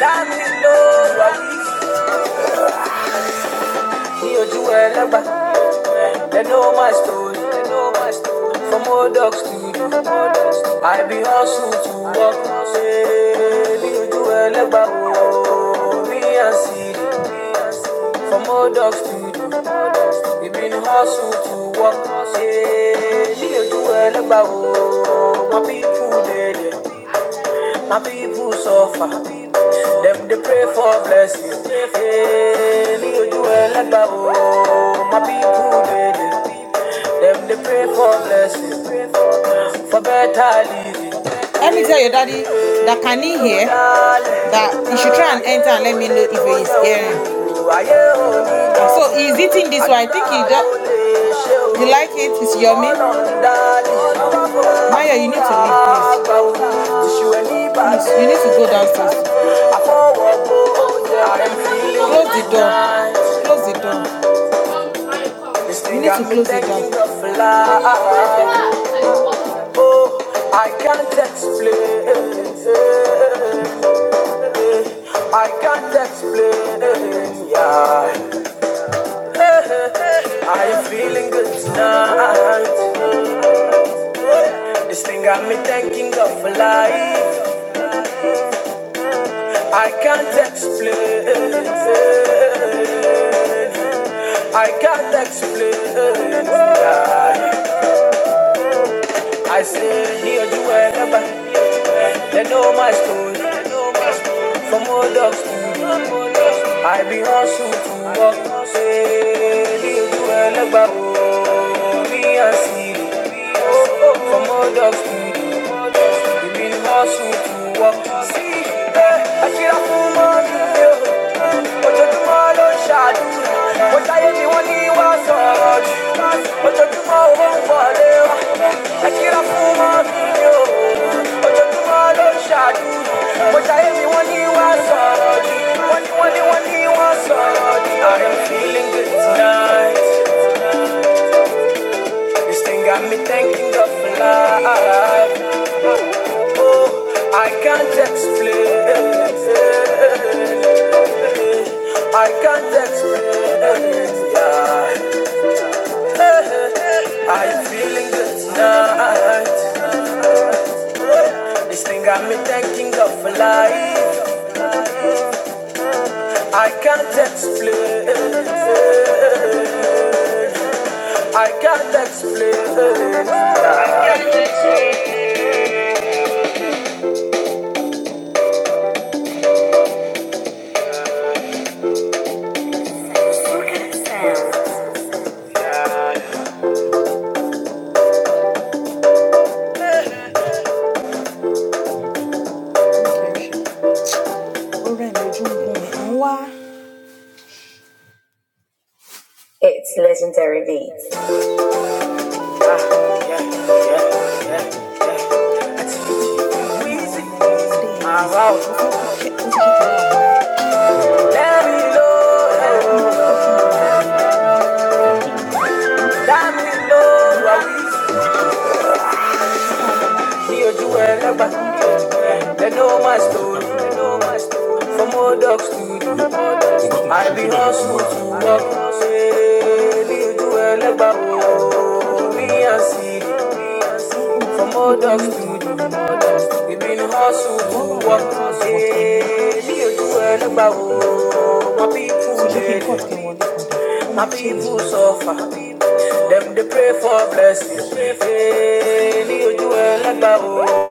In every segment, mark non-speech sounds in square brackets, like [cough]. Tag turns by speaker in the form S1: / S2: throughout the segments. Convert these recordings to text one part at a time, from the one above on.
S1: Láti ló wà ní. Ní ojú ẹlẹ́gbà. They know my story. They know my story. From old dog studio. I be hustle to work. Ní ojú ẹlẹ́gbà wo. Me and Siri. From old dog studio. We been hustle to work. Ní ojú ẹlẹ́gbà wo. My people dey my people suffer. Them they pray for blessing. Eh, mi ojú My people they dey. Them they pray for blessing. For better living. Dale. Ayé o. Tìṣù ẹ̀ ní bá. Àfọwọ́ gbó. I am feeling the spirit of love. I can't explain. I can't explain. Yeah. I am feeling good tonight. This thing got me thinking of life. I can't explain. I can't explain. Yeah. I still hear you wherever. They know my story. From old dogs to school. I be hustle to work. Say, hear you wherever. Oh, me and see. Oh, oh, from old dog school. We been hustle to walk. See, eh, I feel like I'm on the hill. I am feeling good tonight this thing got me thinking of life oh I can't explain. I can't explain. Are you feeling good tonight? This thing got me thinking of life. I can't explain. I can't explain. It's legendary beats. Weezy. Ah, wow. Let me know. Let me know. Me ojú ẹlẹ́gbà, they know my story. From old dogs to studio, I be hustle to work. Say, you ojú ẹlẹ́gbà, oh, me and see. From old dogs to studio. We've been hustle to work today. Me and you are the bow. My people, they- my people suffer. Them they pray for blessings. Eh, Me and you are the bow.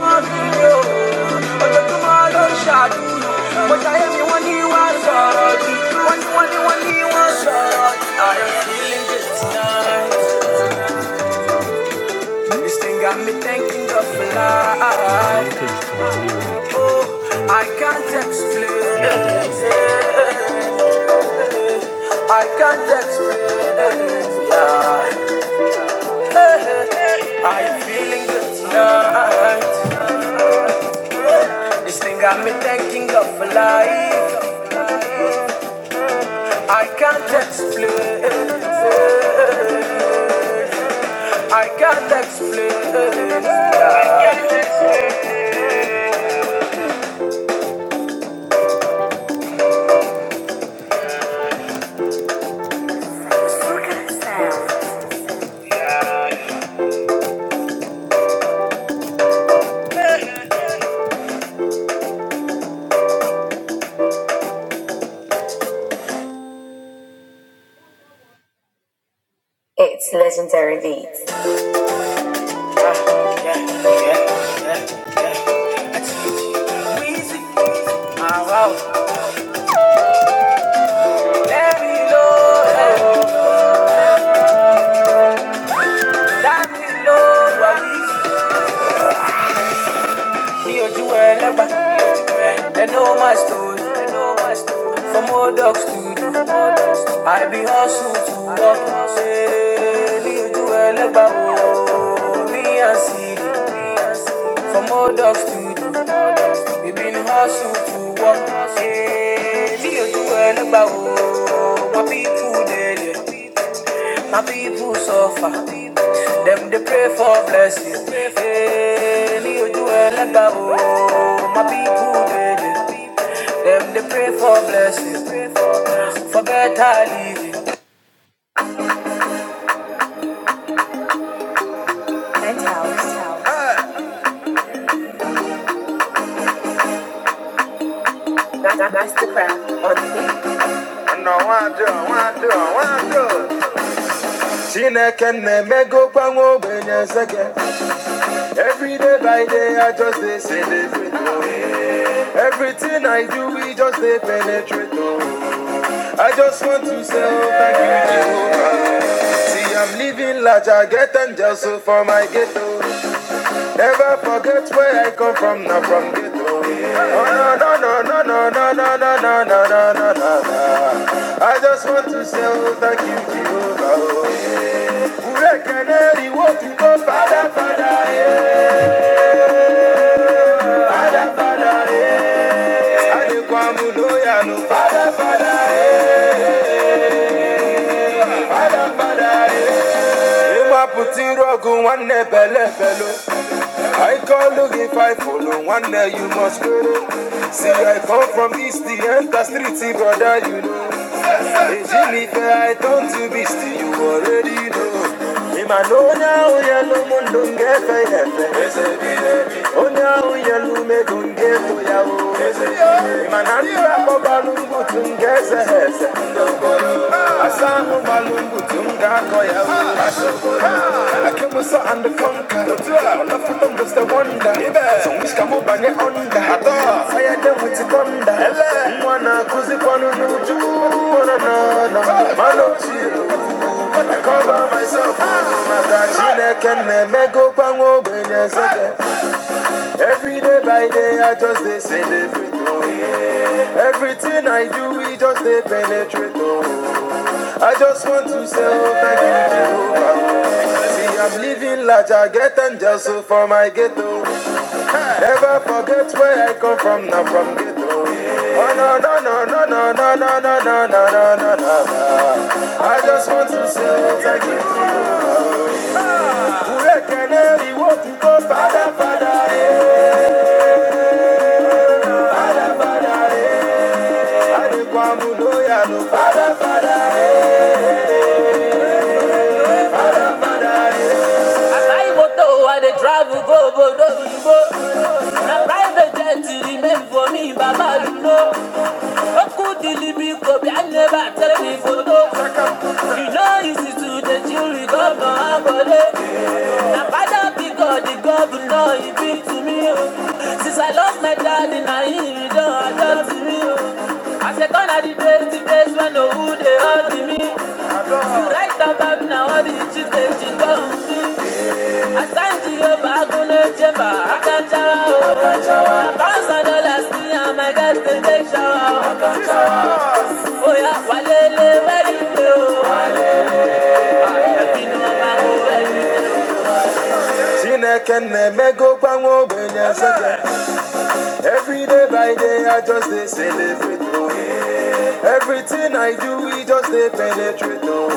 S1: Ojoojúmọ́ ló ń ṣàdúrà. Mo jayé mi, wọ́n ní wá sọ̀rọ̀ jù. I am feeling good tonight. This thing got me thinking of life. I can't explain. it. I can't explain. it. I'm feeling good tonight. This thing got me thinking of life. I can't explain. it. I can't explain. it. It's legendary beats. Ah, wow. They know my story, they know my story. From old dogs to new dogs, I be hustle to walk. Say, me do elegba oh, me and see. From old dogs to new we been hustle to walk. Baby, you do well about my people dead. My people suffer. Them they pray for blessing. Baby, you do well about my people dead. Them they pray for blessing. For better living. I I know I do, I do. nwado, nwado. Chineke na-emegokwa nwa ogbenye seke Every day by day I just dey celebrate Everything I do, we just they penetrate. I just want to say, oh, thank you, Jehovah. See, I'm living large, I get angels so for my ghetto. Never forget where I come from, not from ghetto. No, no, no, no, no, no, no, no, no, no, no, no, no, no. I just want to say, oh, thank you, Jehovah. Ure keneri wo to go, Father, Father, eh, Father, Father, eh. Adequamu loyanu, Father, Father, eh. ịgbapụta iru ọgụ nwanne bele belo I call looking five follow one day you must follow. See I come from east the enter street brother you know. Hey Jimmy I turn to beast you already know. Him I know now yellow moon don't get fair hefe. Oh now yellow me don't get to ya oh. Him I know you are for balloon good to get a hefe. I malungu tunga koya Akimusa and the conquer Wonderful numbers the wonder Songish kamu bange onda Fire them with the thunder Mwana kuzi kwanu nuju Ona nana Malo I cover myself Maka chineke nemego pango Every day by day I just dey celebrate Everything I do we just they penetrate I just want to say, oh, thank you, Jehovah. See, I'm living large, I get angels so for my ghetto. Never forget where I come from, not from ghetto. Oh, no, no, no, no, no, no, no, no, no, no, no, no, no. no. I just want to say, oh, thank you. Ure keneri wo ti ko father, father, eh, father, father, eh. Adekwamulu ya no father? fada, I buy motor, I dey travel go don't Bodo Oyibo. Na private jet remain for me, Baba you know. Oku dilibi ko bi I never tell me photo. You know easy to dey chill with governor Akole. Na father because the governor he be to me. oh. Since I lost my daddy, na him he don adopt me. oh. I say gonna the place, the place when no who dey hurt me. Right about now, all these children she don't I can't give up, I couldn't jump, I can't shower. I bounce on the last thing, I might get to take shower. Oh yeah, walele, where you go? walele, Chineke na-emego gbanwe ogbenye seke Every day by day I just dey celebrate oh. Everything I do we just dey penetrate oh.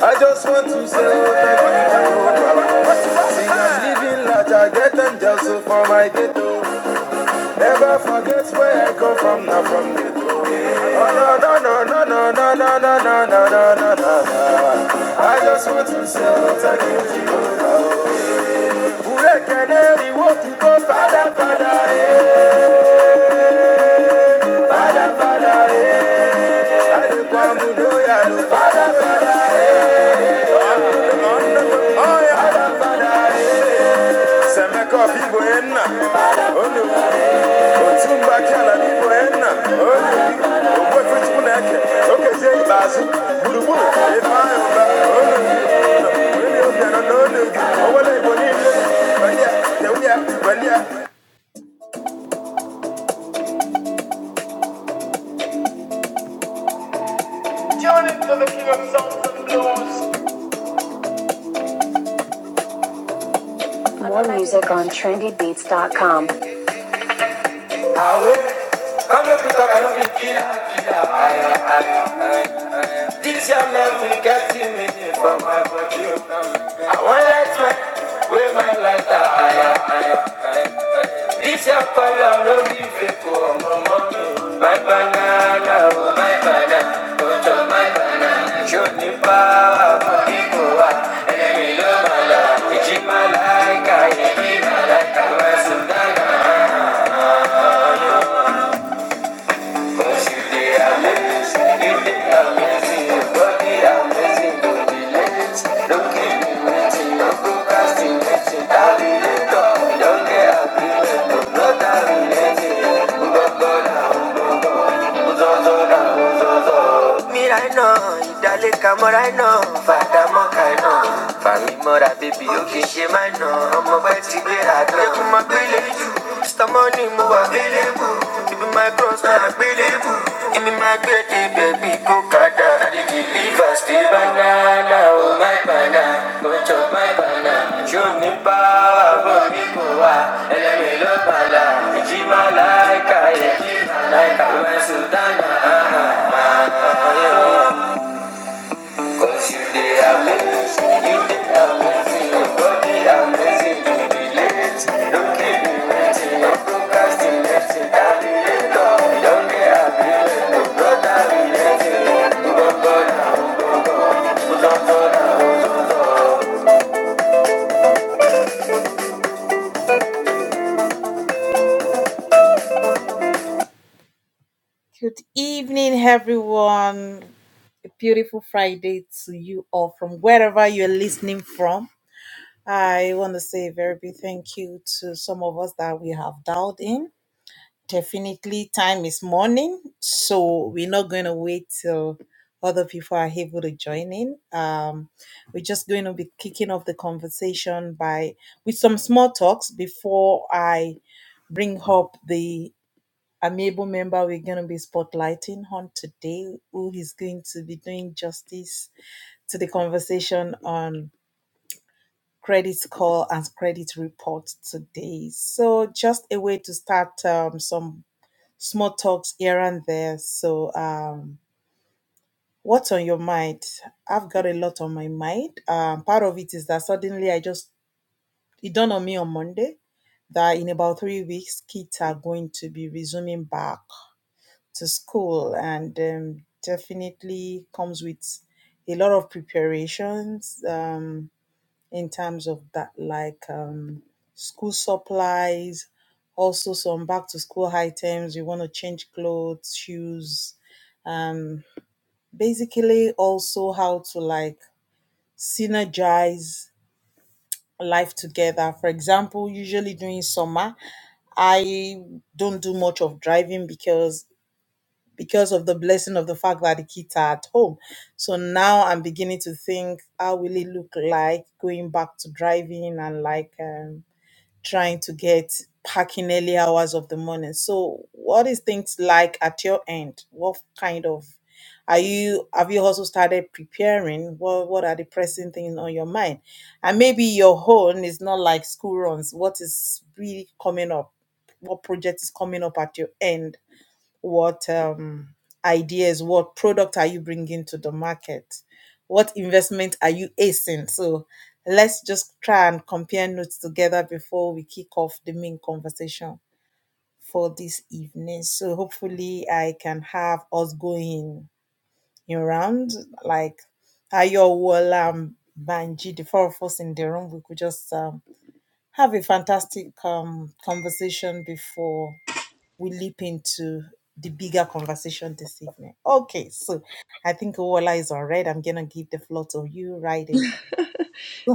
S1: I just want to say thank you, Baba. See, I'm living large, I get them just for my ghetto. Never forget where I come from, not from ghetto. Oh, no, no, no, no, no, no, no, no, no, no, no, no, no. no. I just want to say thank you, Jehovah. Urekeleli, wotuko, Father, Father, eh. Father, Father, eh. Adekwamunu, yanu, Father, Father. Oh yeah. Semeko bibo enna. Onu. Otumba More music on trendybeats.com. awe kamepita kanobikila kila aya aya aya this your love will get to me from my body I won't let my way my light aya aya aya this your color no be fake oh mama my banana oh my banana oh to my banana show me power for people enemy no mala ichi malaika ichi malaika wasundana But you did, I miss You did, I miss you. But did I miss you? Don't be late. Don't keep me waiting. No procrastinating. I did it all. Don't get out of it. No, not that I'm waiting. But, but, I'm, but, but, but, but, but, but, but, love me right now. Ìdálé kamọ́ right now. Fàdà mọ́ ká iná. Fàmí mọ́ra baby ó kì í ṣe máa nà. Ọmọ bá ti gbéra gan. Ẹkún máa gbélé jù. Mr. Money mo wà gbélé bù. Ibi my cross na àgbélé bù. Èmi máa gbé dé bẹ̀bí kó kàdá. I dey deliver still banana. Cause you did amazing, you did amazing, your body amazing, you did it. Don't keep me waiting, no procrastinating, darling, you know, don't get aggravated, no brother not burn out, you won't burn out.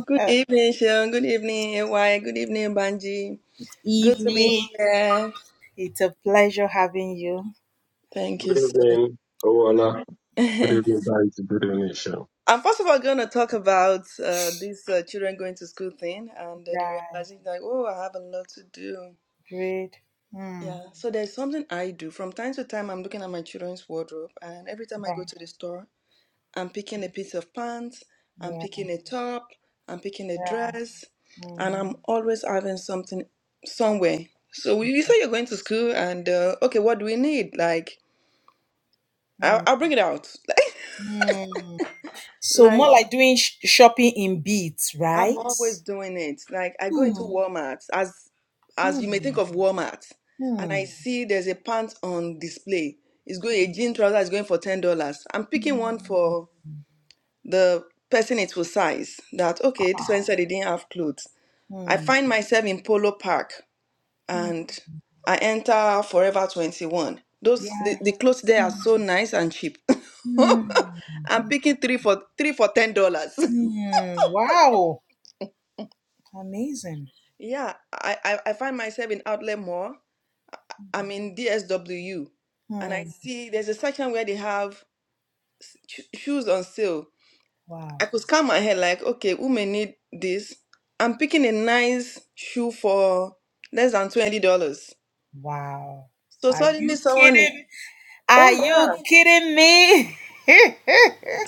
S2: Good evening, Sean. Good evening, AY. Good evening, Banji. Good to be here. Thank you
S3: Good
S2: so
S3: evening, Owala.
S2: [laughs]
S3: Good
S2: I'm
S3: evening, guys. Good evening, Sean.
S2: first of all going to talk about uh, this uh, children going to school thing and uh, the realizing that, oh, I have a lot to do. Yeah, so there's something I do. From time to time, I'm looking at my children's wardrobe, and every time I go to the store, I'm picking a piece of pants, I'm picking a top, I'm picking a dress, and I'm always having something somewhere. So we you say you're going to school, and uh, okay, what do we need? Like, I'll, I'll bring it out. [laughs] Like, I'm always doing it. Like, I go into Walmart, as as you may think of Walmart, and I see there's a pants on display. It's going a jean trouser is going for ten dollars. I'm picking one for the person it will size. That okay, this one said he didn't have clothes. I find myself in Polo Park and I enter Forever 21. Those the, the clothes there are so nice and cheap. [laughs] I'm picking three for three for ten dollars. [laughs] yeah, I, I I find myself in Outlet Mall. I'm in DSWU, and I see there's a section where they have sh- shoes on sale. I could scan my head like, okay, who may need this? I'm picking a nice shoe for less than twenty dollars. So suddenly someone, is, oh yeah.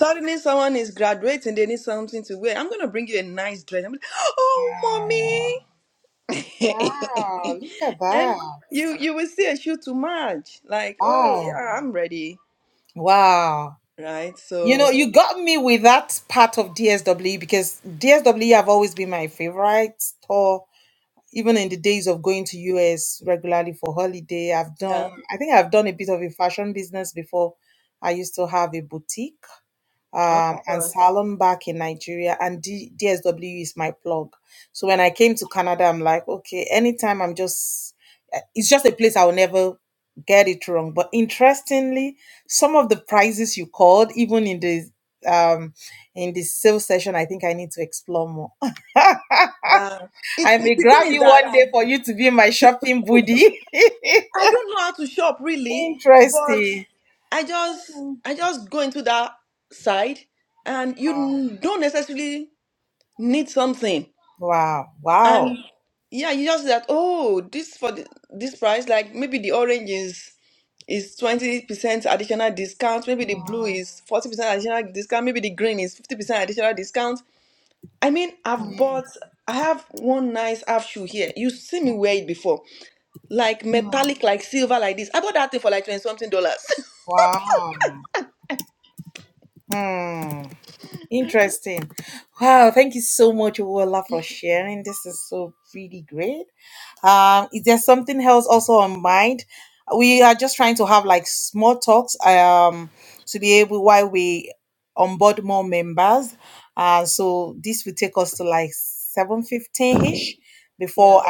S2: Suddenly someone is graduating, they need something to wear. I'm gonna bring you a nice dress. I'm like, oh mommy. [laughs] and you you will see a shoe to match. Like, oh yeah, I'm ready. Right? So yeah. Of course. Yeah. It's the thing is that I don't know how to shop really, but I just I just go into that side and you n- don't necessarily need something. And yeah, you just that, oh, this for the, this price, like maybe the orange is is 20% additional discount, maybe the blue is 40% additional discount, maybe the green is 50% additional discount. I mean, I've bought I have one nice half shoe here. You see me wear it before. Like metallic, like silver, like this. I bought that thing for like 20 something dollars. [laughs] Yeah.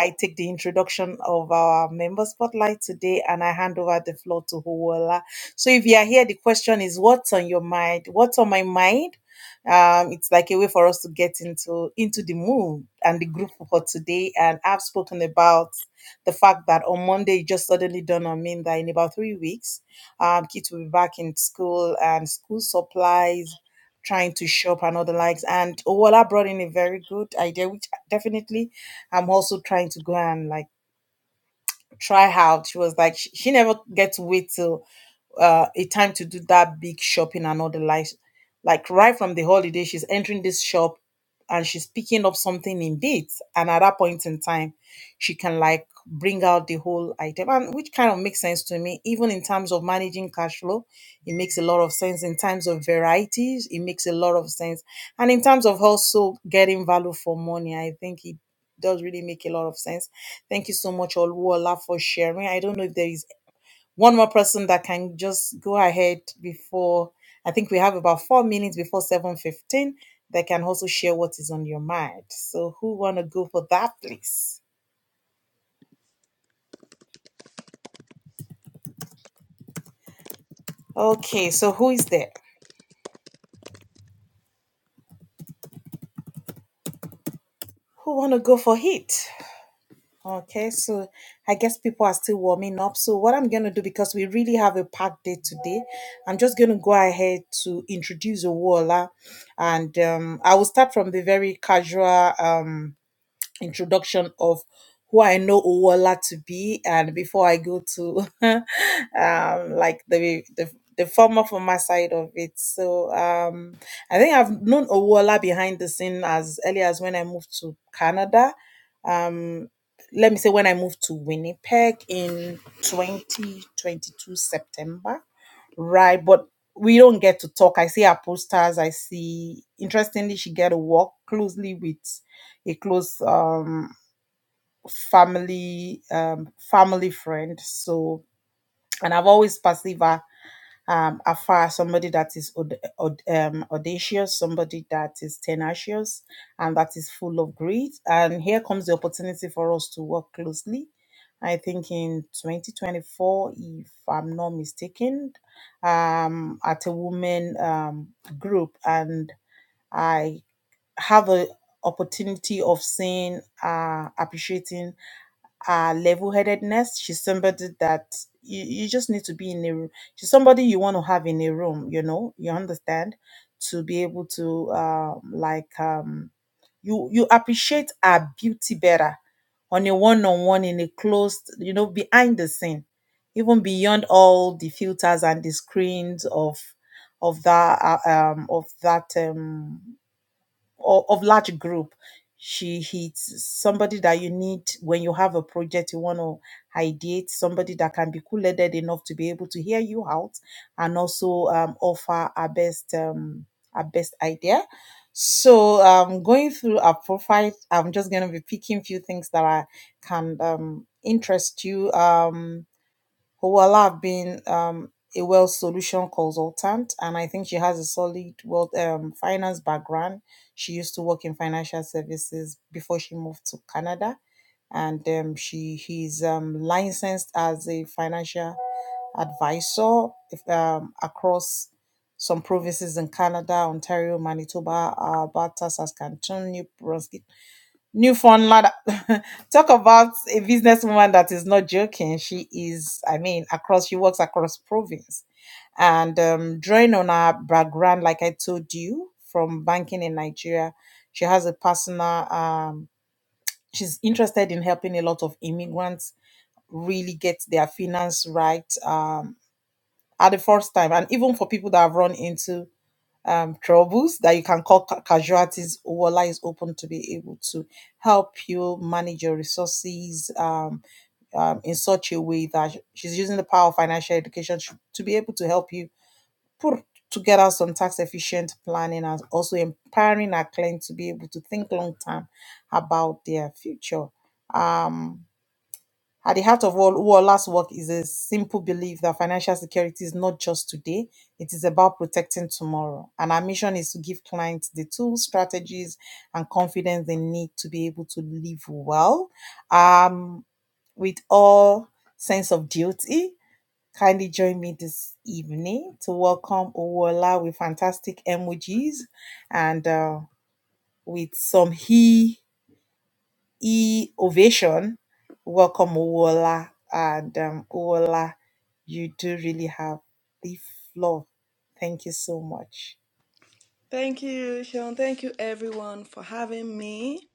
S2: Thank you, Sean. Thank you everyone for having me.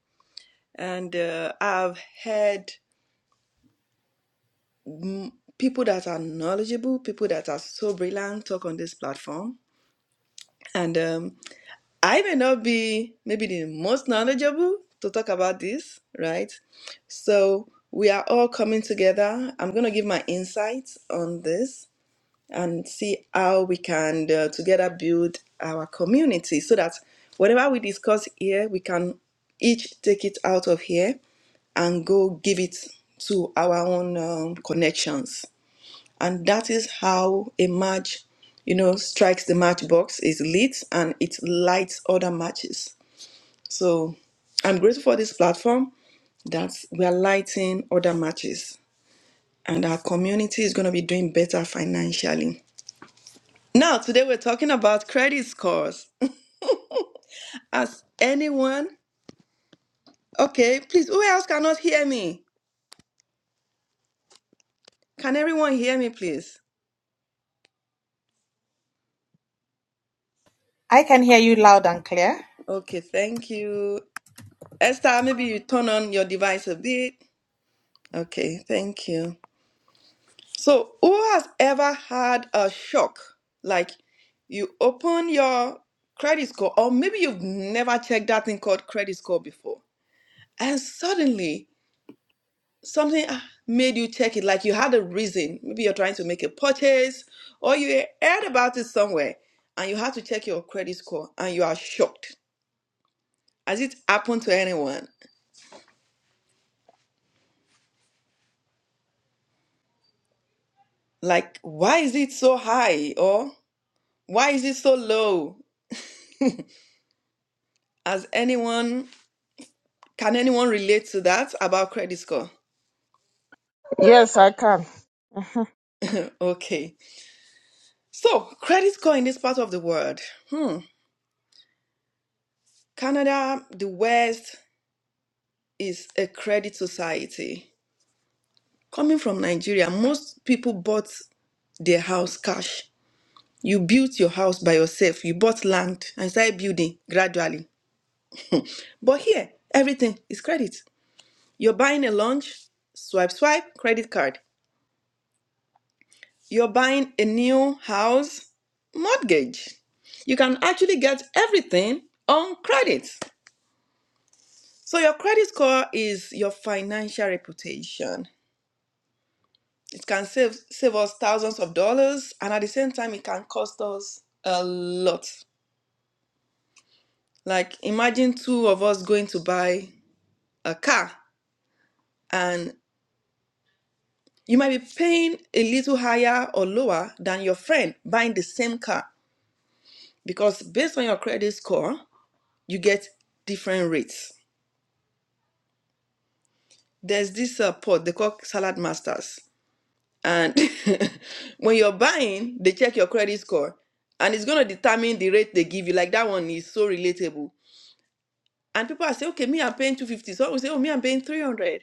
S2: And uh, I've heard people that are knowledgeable, people that are so brilliant talk on this platform. And um, I may not be maybe the most knowledgeable to talk about this, right? So we are all coming together. I'm going to give my insights on this and see how we can uh, together build our community so that whatever we discuss here, we can each take it out of here and go give it to our own um, connections and that is how a match you know strikes the matchbox is lit and it lights other matches so i'm grateful for this platform that we are lighting other matches and our community is going to be doing better financially now today we're talking about credit scores [laughs] has anyone okay please who else cannot hear me can everyone hear me please okay thank you esther maybe you turn on your device a bit okay thank you So, who has ever had a shock? Like you open your credit score, or maybe you've never checked that thing called credit score before, and suddenly something ah, made you check it. Like you had a reason. Maybe you're trying to make a purchase, or you heard about it somewhere, and you had to check your credit score, and you are shocked. Has it happened to anyone? Like, why is it so high? Or why is it so low? Has anyone Can anyone relate to that about credit score?
S4: Yes, I can. Mhm.
S2: Okay. So, credit score in this part of the world. Hmm. Canada, the West is a credit society. Coming from Nigeria, most people bought their house cash. You built your house by yourself, you bought land and started building gradually. But here, everything is credit. You're buying a lunch, swipe, swipe, credit card. You're buying a new house mortgage. You can actually get everything on credit. So your credit score is your financial reputation. It can save save us thousands of dollars and at the same time it can cost us a lot. Like imagine two of us going to buy a car and you might be paying a little higher or lower than your friend buying the same car because based on your credit score, you get different rates. there's this uh, pot they call salad masters and [laughs] when you're buying they check your credit score and it's going to determine the rate they give you like that one is so relatable and people are saying okay me i'm paying 250 so we say oh me i'm paying 300."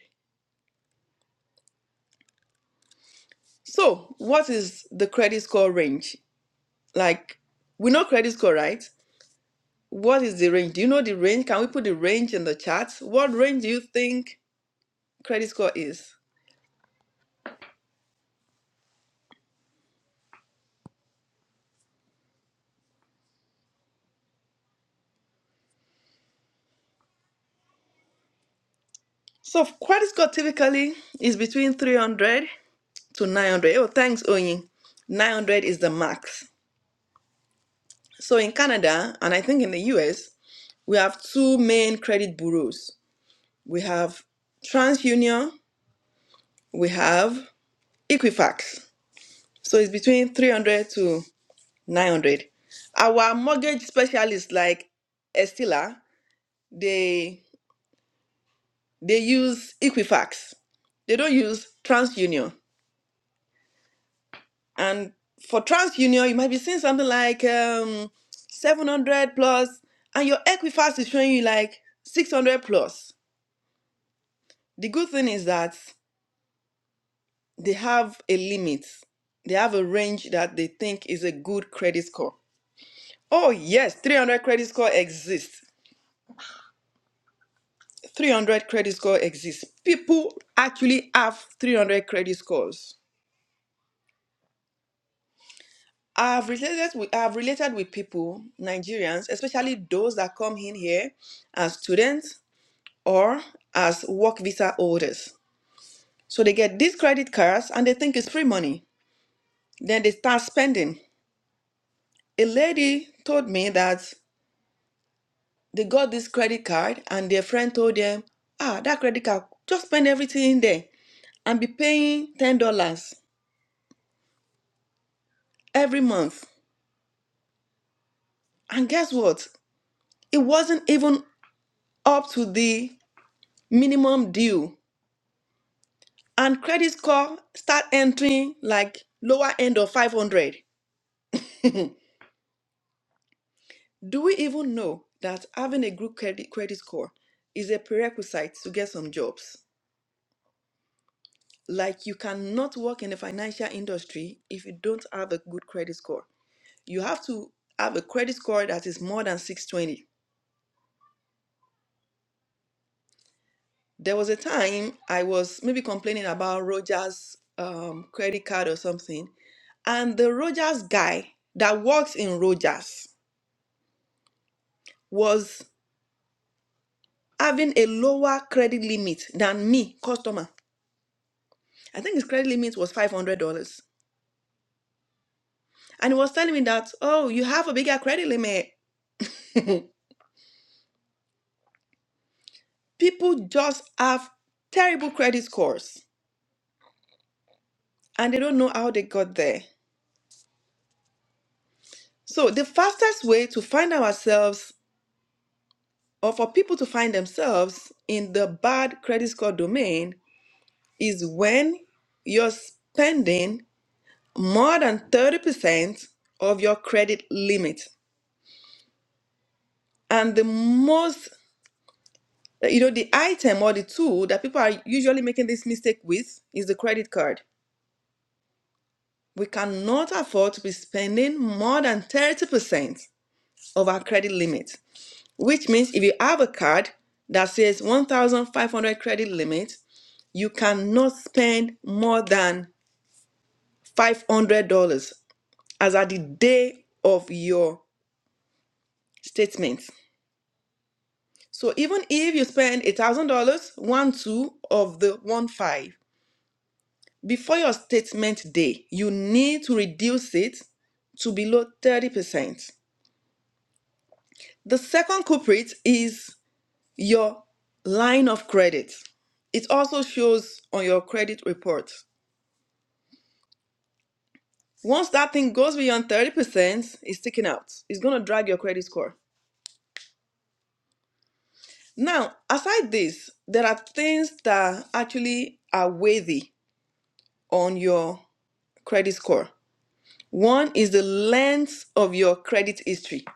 S2: so what is the credit score range like we know credit score right what is the range do you know the range can we put the range in the chat what range do you think credit score is so credit score typically is between 300 to 900. Oh, thanks, Oyin. 900 is the max. So in Canada, and I think in the US, we have two main credit bureaus. We have TransUnion, we have Equifax. So it's between 300 to 900. Our mortgage specialists like Estila, they they use Equifax. They don't use TransUnion. And for TransUnion, you might be seeing something like um, 700 plus, and your Equifax is showing you like 600 plus. The good thing is that they have a limit. They have a range that they think is a good credit score. Oh yes, 300 credit score exists. 300 credit score exists. People actually have 300 credit scores. I've related with I've related with people, Nigerians, especially those that come in here as students or as work visa holders. So they get these credit cards and they think it's free money. Then they start spending. A lady told me that they got this credit card and their friend told them, ah, that credit card, just spend everything in there and be paying $10 every month. And guess what? It wasn't even up to the minimum due. And credit score start entering like lower end of 500. Do we even know that having a good credit, credit score is a prerequisite to get some jobs? Like, you cannot work in the financial industry if you don't have a good credit score. You have to have a credit score that is more than 620. There was a time I was maybe complaining about Roger's um, credit card or something, and the Rogers guy that works in Rogers was having a lower credit limit than me, customer. I think his credit limit was five hundred dollars, and he was telling me that oh, you have a bigger credit limit. People just have terrible credit scores, and they don't know how they got there. So the fastest way to find ourselves, or for people to find themselves in the bad credit score domain, is when you're spending more than thirty percent of your credit limit, and the most Uh, You know, the item or the tool that people are usually making this mistake with is the credit card. We cannot afford to be spending more than 30% of our credit limit, which means if you have a card that says 1,500 credit limit, you cannot spend more than $500 as at the day of your statement. So even if you spend $1,000, one two of the one five. Before your statement day, you need to reduce it to below 30%. The second culprit is your line of credit. It also shows on your credit report. Once that thing goes beyond 30%, it's taken out. It's going to drag your credit score. Now, aside this, there are things that actually are worthy on your credit score. One is the length of your credit history.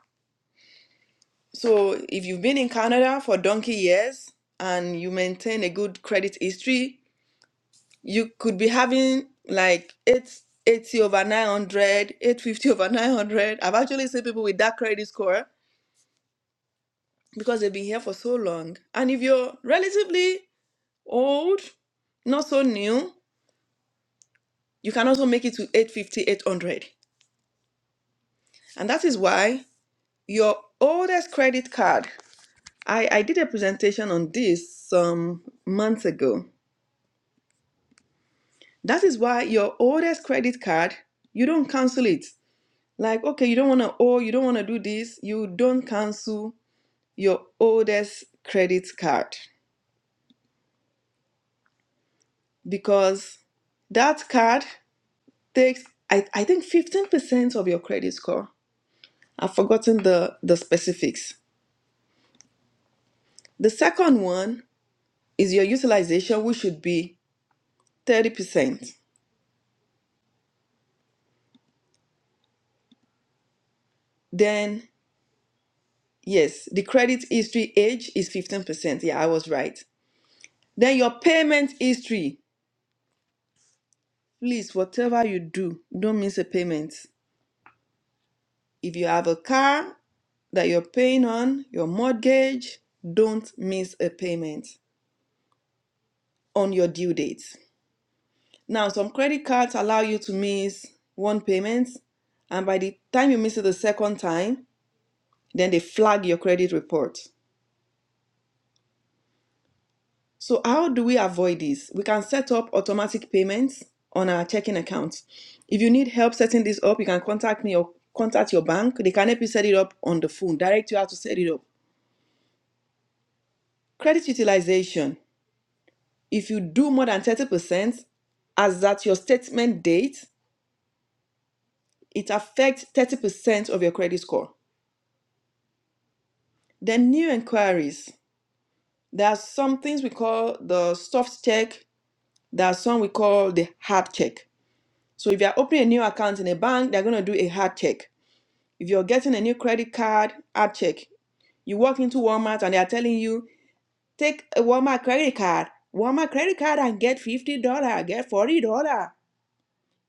S2: So if you've been in Canada for donkey years and you maintain a good credit history, you could be having like 880 over nine hundred, eight fifty over 900. I've actually seen people with that credit score because they've been here for so long. And if you're relatively old, not so new, you can also make it to eight fifty, eight hundred. And that is why your oldest credit card, I, I did a presentation on this some months ago That is why your oldest credit card, you don't cancel it. Like, okay, you don't want to owe, you don't want to do this, you don't cancel your oldest credit card because that card takes, I, I think, 15% of your credit score. I've forgotten the, the specifics. The second one is your utilization, which should be 30%. Then, yes, the credit history age is 15%. Yeah, I was right. Then your payment history. Please, whatever you do, don't miss a payment. If you have a car that you're paying on, your mortgage, don't miss a payment on your due date. Now, some credit cards allow you to miss one payment, and by the time you miss it the second time, then they flag your credit report. So, how do we avoid this? We can set up automatic payments on our checking accounts. If you need help setting this up, you can contact me or contact your bank. They can help you set it up on the phone, direct you how to set it up. Credit utilization. If you do more than 30% as at your statement date, it affects 30% of your credit score. Then new inquiries. There are some things we call the soft check, there are some we call the hard check. So if you're opening a new account in a bank, they're going to do a hard check. If you're getting a new credit card, hard check. You walk into Walmart and they are telling you, take a Walmart credit card, Walmart credit card and get $50, get $40.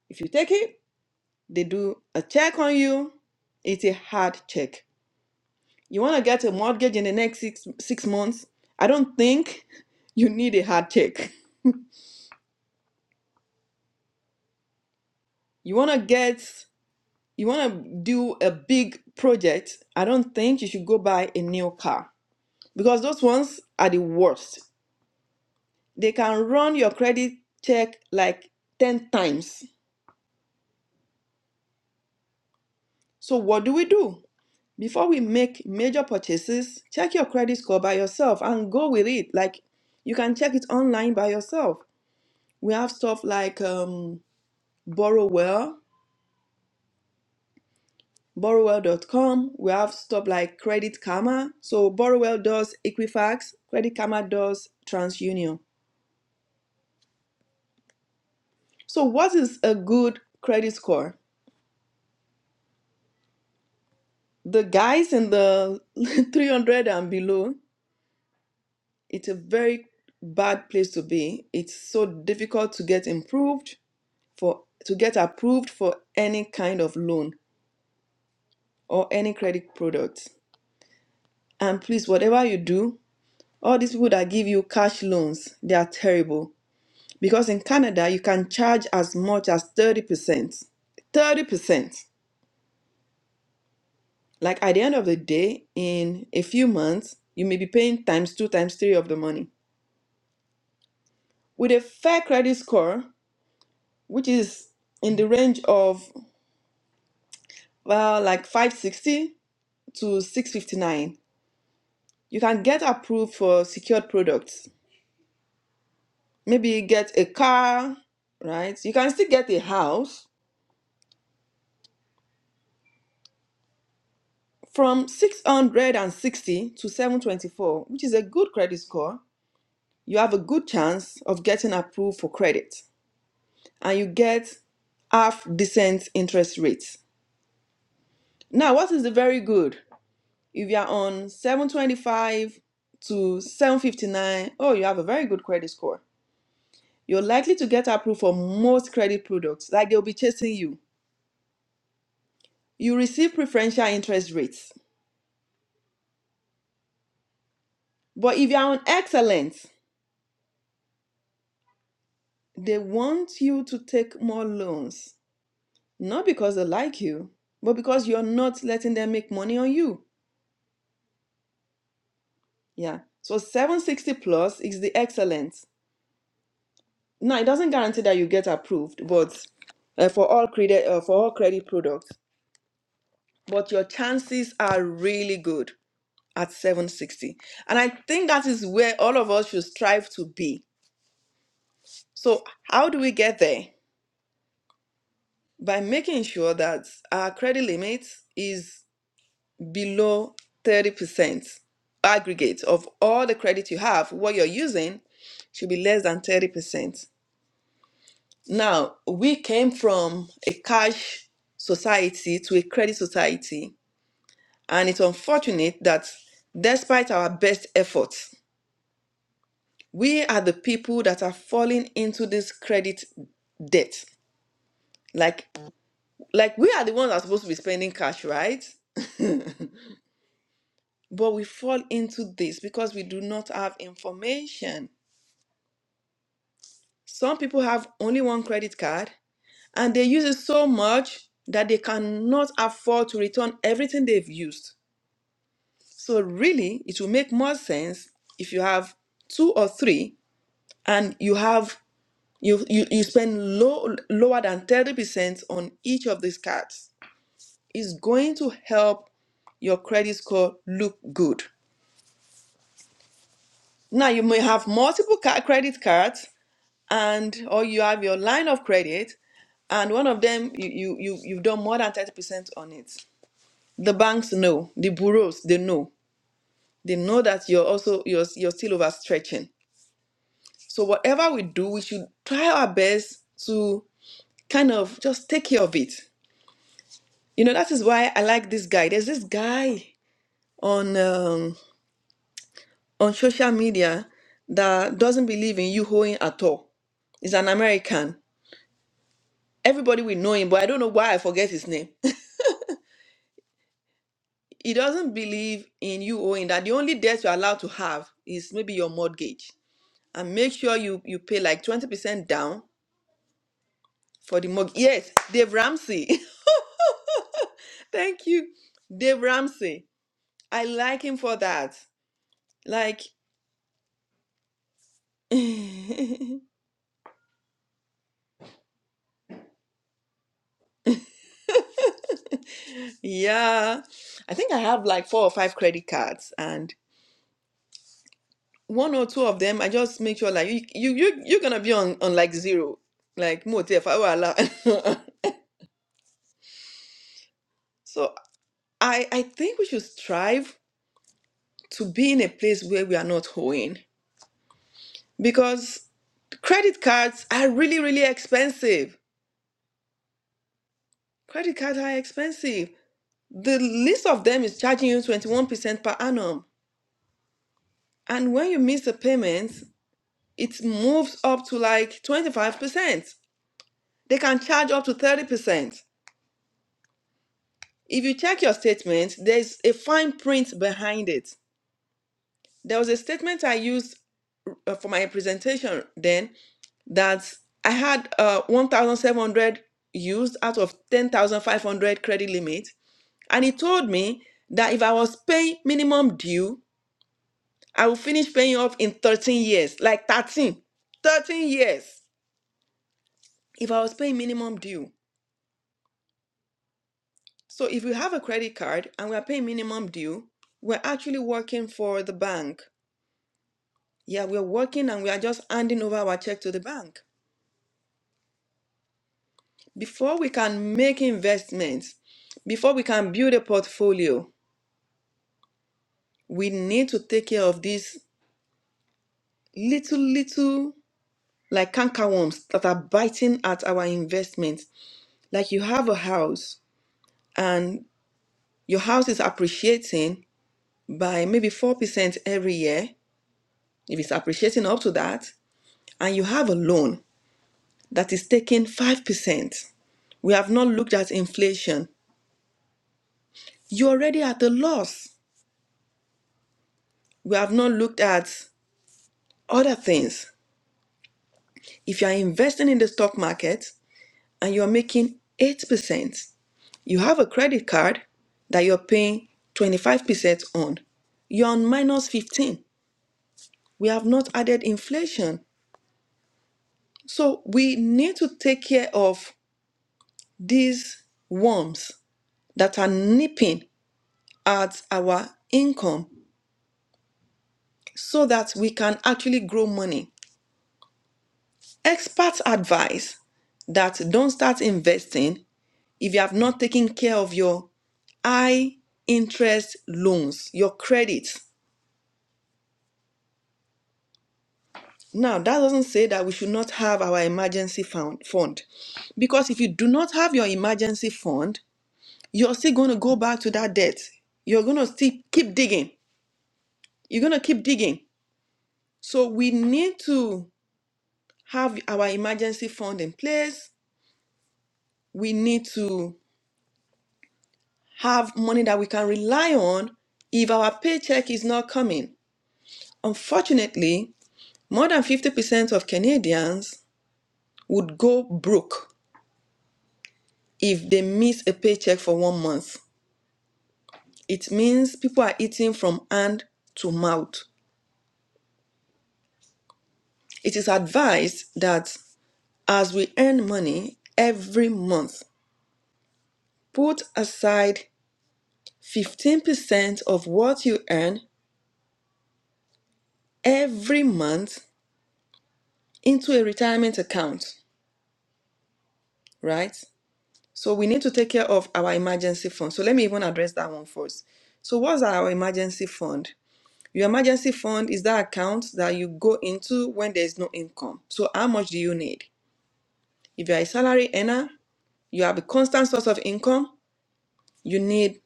S2: If you take it, They do a check on you. It's a hard check. You want to get a mortgage in the next six, six months? I don't think [laughs] you need a hard check. You want to get, you want to do a big project? I don't think you should go buy a new car because those ones are the worst. They can run your credit check like 10 times. So, what do we do? Before we make major purchases, check your credit score by yourself and go with it. Like you can check it online by yourself. We have stuff like um, Borrowwell, borrowwell.com. We have stuff like Credit Karma. So Borrowwell does Equifax, Credit Karma does TransUnion. So what is a good credit score? The guys in the [laughs] 300 and below, it's a very bad place to be. It's so difficult to get improved for to get approved for any kind of loan or any credit product. And please, whatever you do, all these people that give you cash loans, they are terrible. Because in Canada, you can charge as much as 30%. 30%. Like at the end of the day, in a few months, you may be paying times two, times three of the money. With a fair credit score, which is in the range of, well, like 560 to 659, You can get approved for secured products. Maybe you get a car, right? You can still get a house from 660 to 724, which is a good credit score. You have a good chance of getting approved for credit and you get half decent interest rates. Now, what is the very good? If you are on 725 to seven fifty-nine, oh, you have a very good credit score. You're likely to get approved for most credit products, like they'll be chasing you. you receive preferential interest rates. But if you are on excellent, they want you to take more loans, not because they like you, but because you're not letting them make money on you. Yeah. So 760 plus is the excellent. Now it doesn't guarantee that you get approved, but uh, for all credit uh, for all credit products, but your chances are really good at 760. And I think that is where all of us should strive to be. So how do we get there? by making sure that our credit limit is below 30% aggregate of all the credit you have, what you're using should be less than 30%. Now, we came from a cash society to a credit society, and it's unfortunate that despite our best efforts, we are the people that are falling into this credit debt. Like, like we are the ones that are supposed to be spending cash, right? But we fall into this because we do not have information. Some people have only one credit card and they use it so much that they cannot afford to return everything they've used. So, really, it will make more sense if you have two or three and you have you you, you spend low, lower than 30% on each of these cards. It's going to help your credit score look good. Now, you may have multiple ca- credit cards and or you have your line of credit and one of them you you, you you've done more than 30% on it the banks know the bureaus they know they know that you're also you're, you're still overstretching so whatever we do we should try our best to kind of just take care of it you know that is why i like this guy there's this guy on um, on social media that doesn't believe in you hoeing at all he's an american everybody will know him but i don't know why i forget his name He doesn't believe in you owing that the only debt you're allowed to have is maybe your mortgage. And make sure you, you pay like 20% down for the mortgage. Yes, Dave Ramsey. [laughs] Thank you, Dave Ramsey. I like him for that. Like, yeah, I think I have like four or five credit cards, and one or two of them, I just make sure like you you you you're gonna be on on like zero, like motel if I were allowed. [laughs] So I I think we should strive. to be in a place where we are not owing because credit cards are really really expensive credit cards are expensive the least of them is charging you 21% per annum and when you miss a payment it moves up to like 25% they can charge up to 30% if you check your statement there's a fine print behind it there was a statement i used uh, for my presentation then that I had uh, 1,700 used out of 10,500 credit limit. And he told me that if I was paying minimum due, I would finish paying off in 13 years, like 13, 13 years if I was paying minimum due. So if you have a credit card and we are paying minimum due, we're actually working for the bank. Yeah, we're working and we are just handing over our check to the bank. Before we can make investments, before we can build a portfolio, we need to take care of these little little like cankerworms that are biting at our investments like you have a house and your house is appreciating by maybe 4% every year if it's appreciating up to that and you have a loan that is taking 5% we have not looked at inflation you're already at a loss we have not looked at other things if you are investing in the stock market and you are making 8% You have a credit card that you're paying 25% on. You're on minus 15. We have not added inflation. So we need to take care of these worms that are nipping at our income so that we can actually grow money. Experts advise that don't start investing if you have not taken care of your high interest loans, your credit. Now, that doesn't say that we should not have our emergency fund, fund. Because if you do not have your emergency fund, you're still going to go back to that debt. You're going to still keep digging. You're going to keep digging. So we need to have our emergency fund in place. We need to have money that we can rely on if our paycheck is not coming. Unfortunately, more than 50% of Canadians would go broke if they miss a paycheck for one month. It means people are eating from hand to mouth. It is advised that as we earn money every month, put aside 15% of what you earn every month into a retirement account, right? So we need to take care of our emergency fund. So let me even address that one first. So what's our emergency fund? Your emergency fund is that account that you go into when there's no income. So how much do you need? If you're a salary earner, you have a constant source of income, you need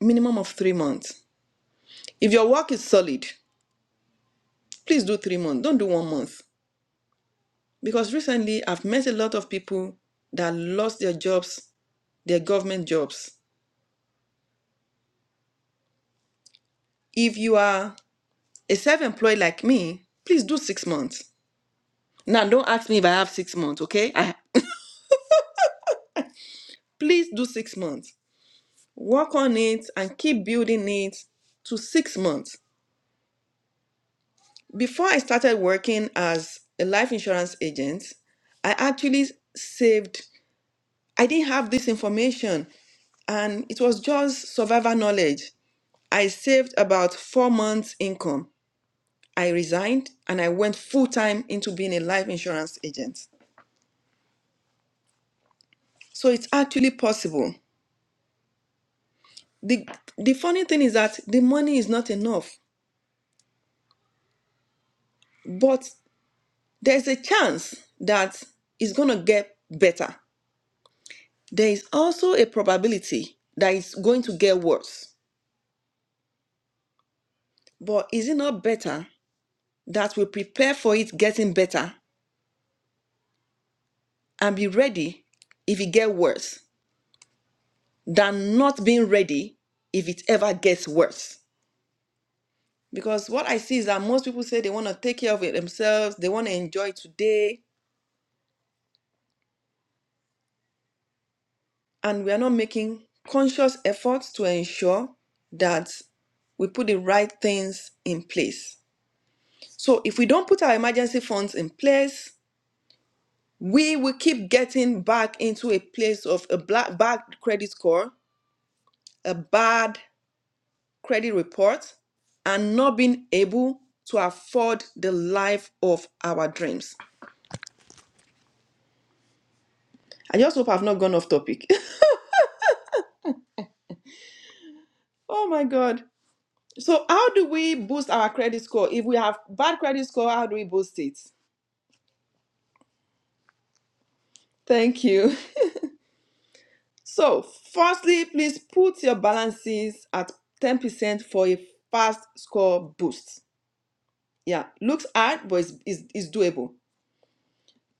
S2: minimum of three months. If your work is solid, please do three months. Don't do one month. Because recently I've met a lot of people that lost their jobs, their government jobs. If you are a self-employed like me, please do six months. Now don't ask me if I have six months, okay? I please do six months. Work on it and keep building it to six months. Before I started working as a life insurance agent, I actually saved, I didn't have this information, and it was just survival knowledge. I saved about four months' income. I resigned and I went full time into being a life insurance agent. So it's actually possible. The, the funny thing is that the money is not enough, but there's a chance that it's going to get better. There is also a probability that it's going to get worse. But is it not better that we prepare for it getting better and be ready if it gets worse than not being ready if it ever gets worse? Because what I see is that most people say they want to take care of it themselves, they want to enjoy today, and we are not making conscious efforts to ensure that we put the right things in place. So if we don't put our emergency funds in place, we will keep getting back into a place of a black, bad credit score, a bad credit report, and not being able to afford the life of our dreams. I just hope I've not gone off topic. [laughs] oh my God. So, how do we boost our credit score? If we have bad credit score, how do we boost it? Thank you. [laughs] So, firstly, please put your balances at 10% for a fast score boost. Yeah, looks hard, but it's, it's, it's doable.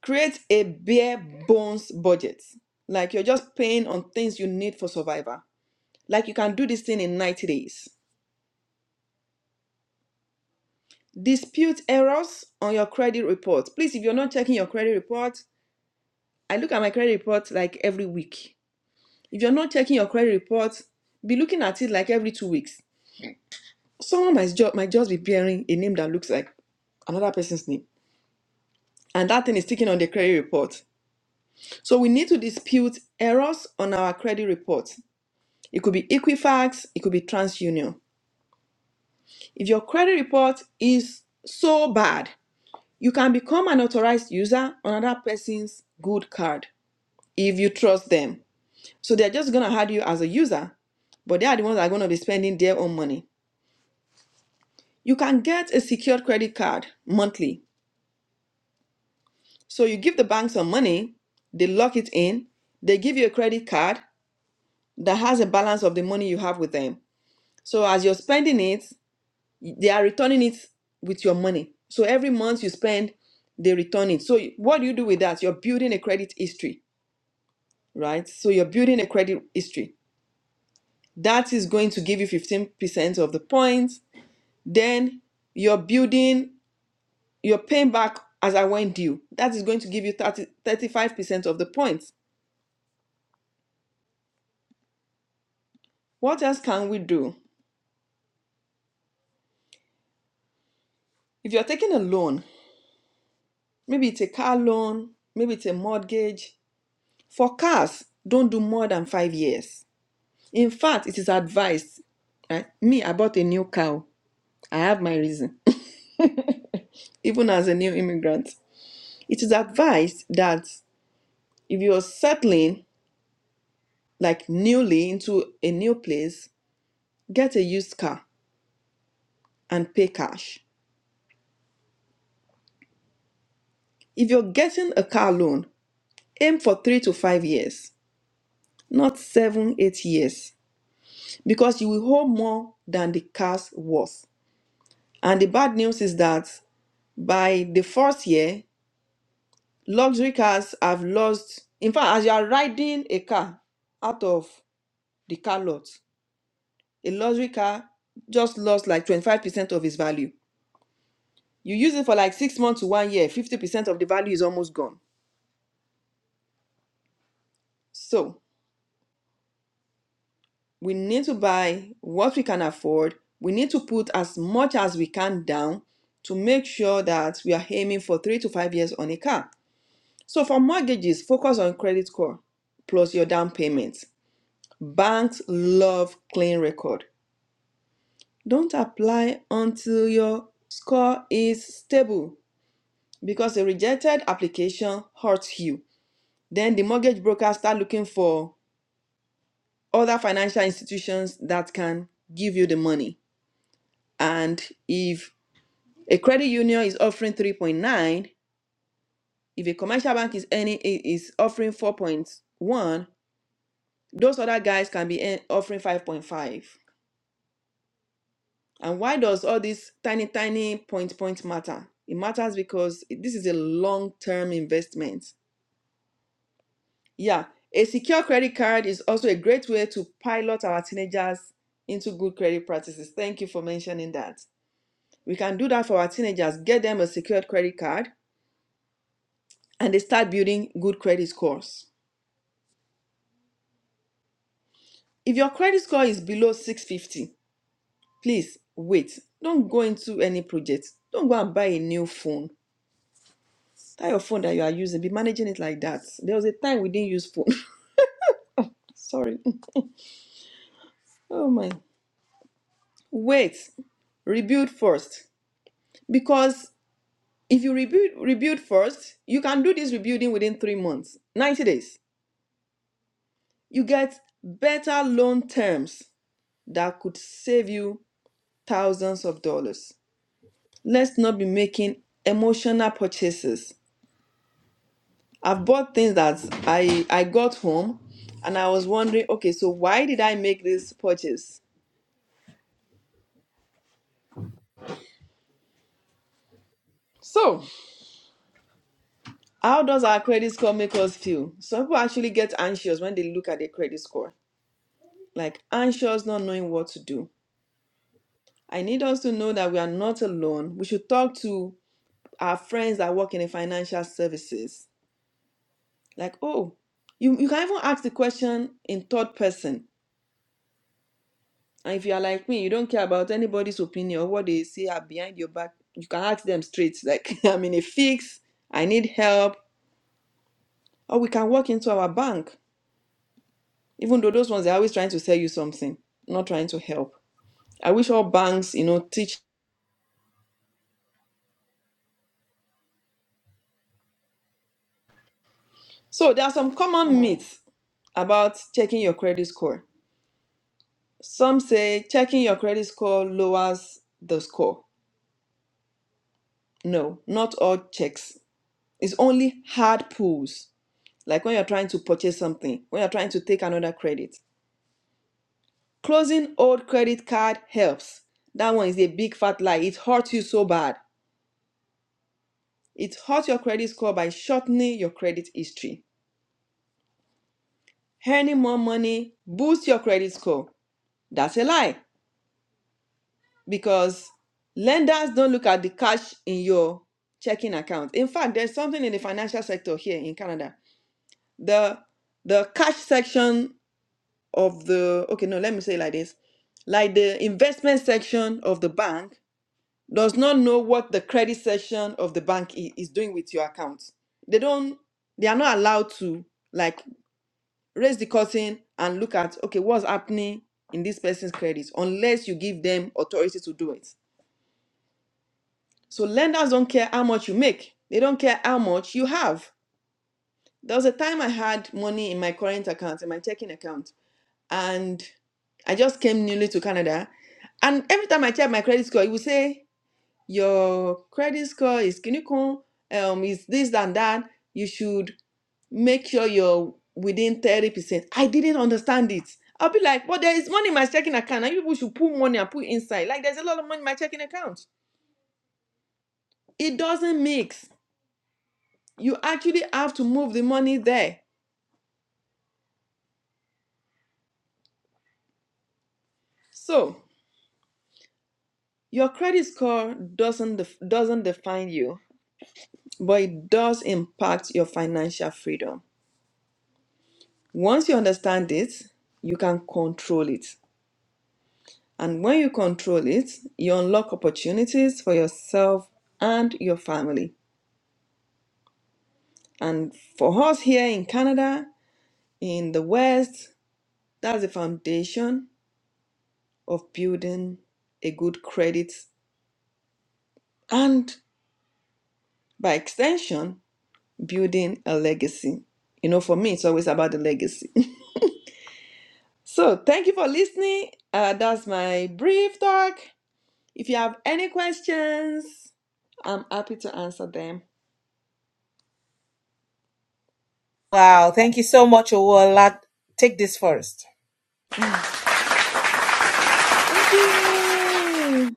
S2: Create a bare bones budget. Like you're just paying on things you need for survival. Like you can do this thing in 90 days. Dispute errors on your credit report. Please, if you're not checking your credit report, I look at my credit report like every week. If you're not checking your credit report, be looking at it like every two weeks. Someone might just might just be bearing a name that looks like another person's name. And that thing is sticking on the credit report. So we need to dispute errors on our credit report. It could be Equifax, it could be TransUnion. If your credit report is so bad, you can become an authorized user on another person's good card if you trust them. So they're just gonna add you as a user, but they are the ones that are gonna be spending their own money. You can get a secured credit card monthly. So you give the bank some money, they lock it in, they give you a credit card that has a balance of the money you have with them. So as you're spending it, They are returning it with your money. So every month you spend, they return it. So what do you do with that? You're building a credit history, right? So you're building a credit history. That is going to give you 15% of the points. Then you're building, you're paying back as I went due. That is going to give you 30, 35% of the points. What else can we do? If you're taking a loan, maybe it's a car loan, maybe it's a mortgage. For cars, don't do more than five years. In fact, it is advised. Right? Me, I bought a new cow. I have my reason, [laughs] even as a new immigrant. It is advised that if you are settling like newly into a new place, get a used car and pay cash. If you're getting a car loan, aim for three to five years, not seven, eight years, because you will owe more than the car's worth. And the bad news is that by the first year, luxury cars have lost in fact as you are riding a car out of the car lot a luxury car just lost like 25% of its value you use it for like six months to one year 50% of the value is almost gone so we need to buy what we can afford we need to put as much as we can down to make sure that we are aiming for three to five years on a car so for mortgages focus on credit score plus your down payment banks love clean record Don't apply until your score is stable because a rejected application hurts you. Then the mortgage broker start looking for other financial institutions that can give you the money. And if a credit union is offering 3.9, if a commercial bank is any is offering 4.1, those other guys can be eh, offering 5.5. And why does all this tiny, tiny point point matter? It matters because this is a long term investment. Yeah, a secure credit card is also a great way to pilot our teenagers into good credit practices. Thank you for mentioning that. We can do that for our teenagers, get them a secured credit card, and they start building good credit scores. If your credit score is below 650, please wait. Don't go into any project. Don't go and buy a new phone That your phone that you are using, be managing it like that. There was a time we didn't use phone. [laughs] Sorry. Oh my. Wait. Rebuild first. Because if you rebuild rebuild first, you can do this rebuilding within three months, 90 days. You get better loan terms that could save you thousands of dollars. Let's not be making emotional purchases. I've bought things that I I got home and I was wondering, okay, so why did I make this purchase? So How does our credit score make us feel? Some people actually get anxious when they look at their credit score, like anxious, not knowing what to do. I need us to know that we are not alone. We should talk to our friends that work in the financial services. Like, oh, you, you can even ask the question in third person. And if you are like me, you don't care about anybody's opinion or what they say are behind your back, you can ask them straight, like, [laughs] I'm in a fix, I need help, or we can walk into our bank Even though those ones they're always trying to sell you something, not trying to help. I wish all banks, you know, teach. So there are some common myths about checking your credit score. Some say checking your credit score lowers the score. No, not all checks. It's only hard pulls, like when you're trying to purchase something, when you're trying to take another credit. Closing old credit card helps. That one is a big fat lie. It hurts you so bad. It hurts your credit score by shortening your credit history. earning more money boosts your credit score. That's a lie because lenders don't look at the cash in your checking account. In fact, there's something in the financial sector here in Canada. The the cash section of the okay, no, let me say it like this. Like the investment section of the bank does not know what the credit section of the bank i- is doing with your account. They don't they are not allowed to like. raise the curtain and look at okay what's happening in this person's credit unless you give them authority to do it so lenders don't care how much you make they don't care how much you have there was a time i had money in my current account in my checking account and i just came newly to canada and every time i check my credit score it would say your credit score is kinikon um is this and that you should make sure you're within 30%. I didn't understand it. I'll be like, well, there is money in my checking account. And you people should put money and put inside. Like, there's a lot of money in my checking account. It doesn't mix. You actually have to move the money there. So, your credit score doesn't def- doesn't define you, but it does impact your financial freedom. Once you understand it, you can control it. And when you control it, you unlock opportunities for yourself and your family. And for us here in Canada, in the West, that's the foundation of building a good credit and by extension, building a legacy. You know, for me, it's always about the legacy. [laughs] so thank you for listening. Uh, that's my brief talk. If you have any questions, I'm happy to answer them. [laughs] Thank you.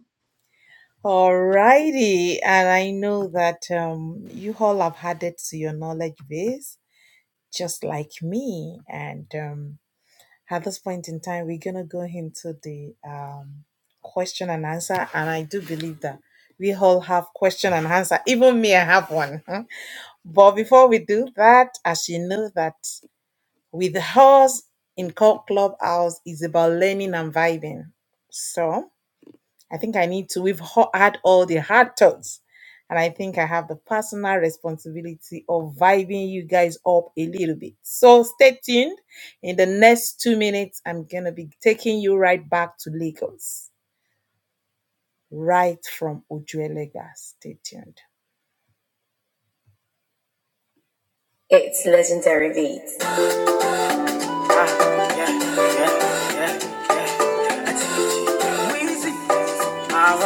S1: It's legendary beats. Ah,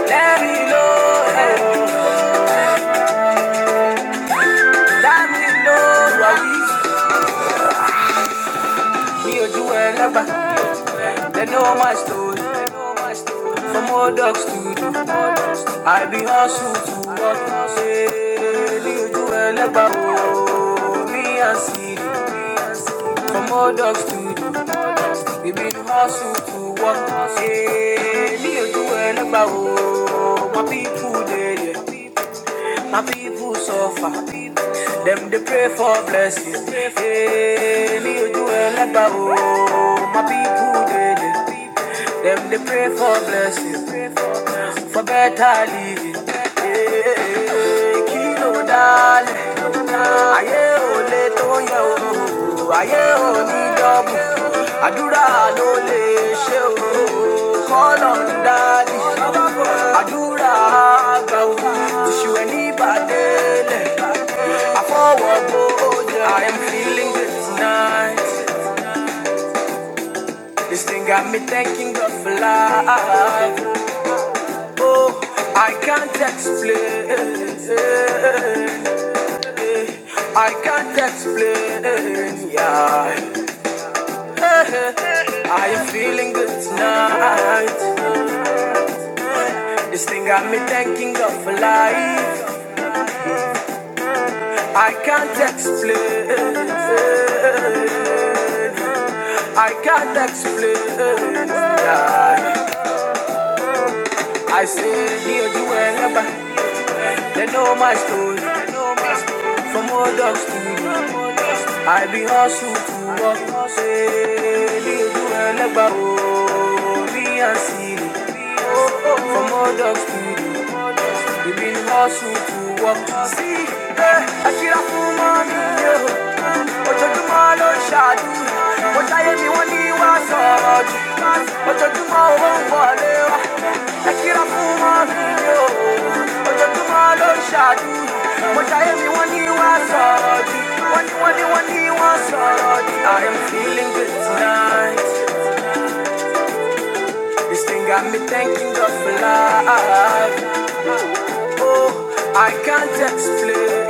S1: wow. Let me know. eh. Let me know. mi ojú ẹ lágbà They know my story for more dogs to do i be hustle to work ṣe ní ojú ẹ lágbà ooo mi à ń siri for more dogs to do we be hustle to work ṣe ní ojú ẹ lágbà ooo my people dey there. My people suffer. Them they pray for blessing. Hey, me you do a leba oh. My people they Them they pray for blessing. For better living. Hey, I am feeling good tonight this thing got me thanking God for life Oh, I can't explain. I can't explain. Yeah. I am feeling good tonight. This thing got me thinking of life. I can't explain. I can't explain. Yeah. I say, dear, you will never. They know my story. From old dogs to you. I be hustle to work. Say, leave you elegba o. Me and see. From old dogs to you. We been hustle to work. See, eh, I feel a full mommy, What you do my lord, shadow. ṣàdúrà. I am mi wọ́n ní wá sọ̀rọ̀ jù. you do my own wá. É que a fuma vinho Hoje eu tomo a loxade Moja é mi one you are sorry One you one you one you are sorry I am feeling good tonight This thing got me thanking God for life Oh, I can't explain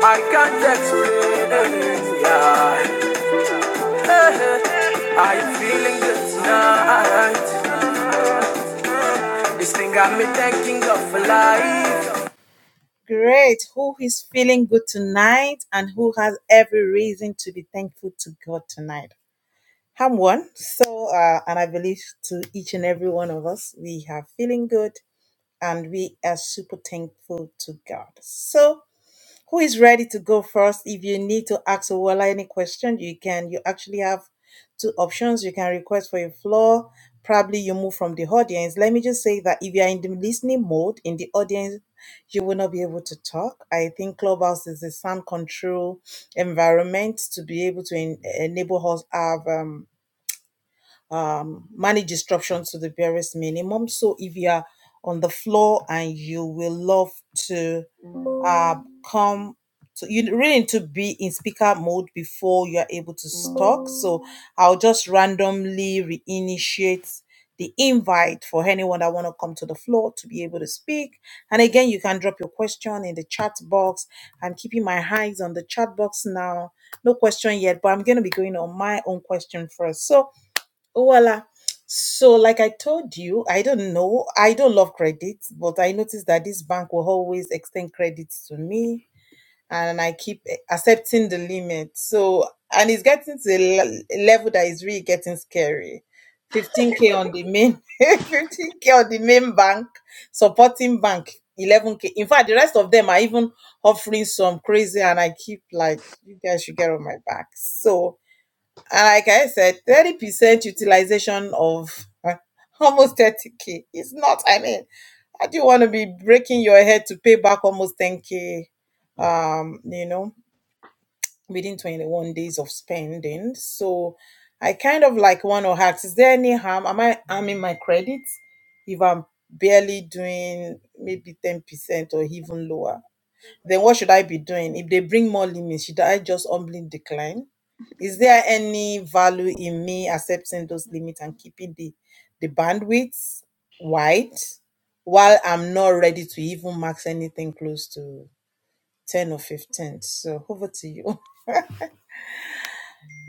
S1: I can't explain yeah. [laughs] I'm feeling good tonight This thing got me thanking God for life.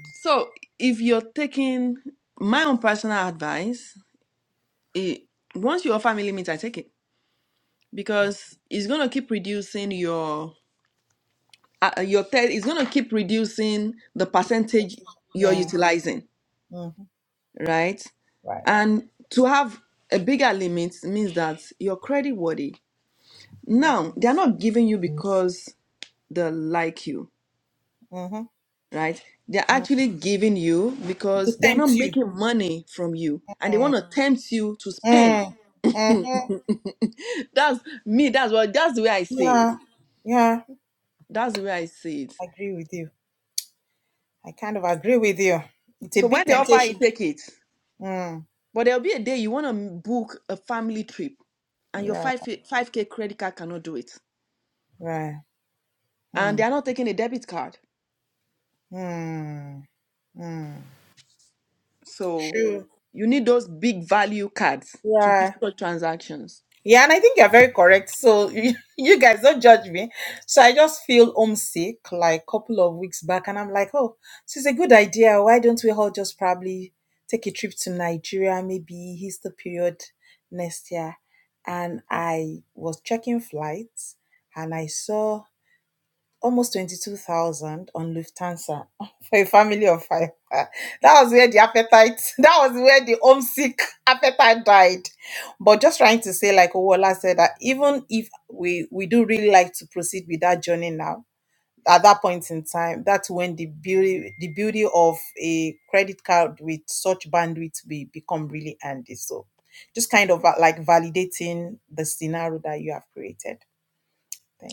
S2: So if you're taking my own personal advice, it once you're family limit, I take it because it's gonna keep reducing your uh, uh, your third. It's gonna keep reducing the percentage you're utilizing, right? And to have a bigger limit means that you're credit worthy. Now they're not giving you because they like you, right? They're actually giving you because they're not making money from you, and they want to tempt you to spend. [laughs] That's me. That's what. That's the way I see it. That's the way I see it. So when they offer you take it. But there'll be a day you want to book a family trip and your 5 5k credit card cannot do it. And they are not taking a debit card. So you need those big value cards to do such transactions.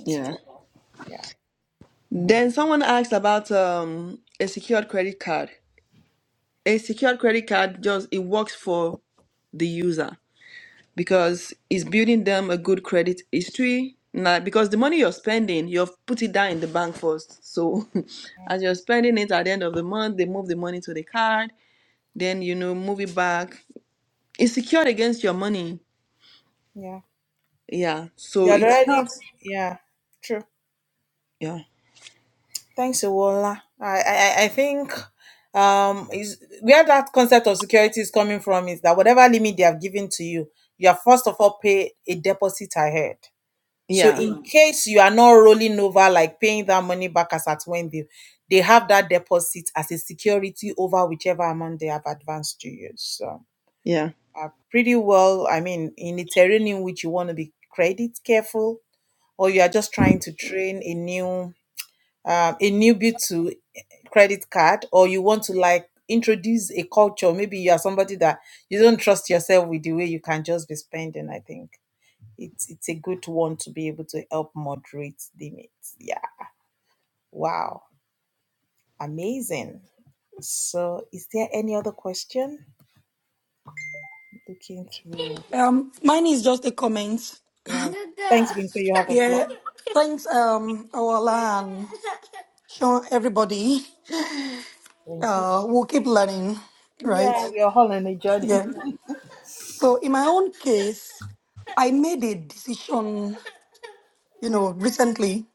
S2: Yeah. Then someone asked about um, a secured credit card. A secured credit card just it works for the user. because it's building them a good credit history. Now, because the money you're spending, you've put it down in the bank first. So [laughs] as you're spending it at the end of the month, they move the money to the card, then you know, move it back. It's secured against your money. Yeah. So it helps. Yeah. Yeah. Yeah.
S5: Um, mine is just a comment. Yeah, thanks, um, Awala and Sean, everybody. Uh, we'll keep learning, right? Yeah. So in my own case, I made a decision, you know, recently.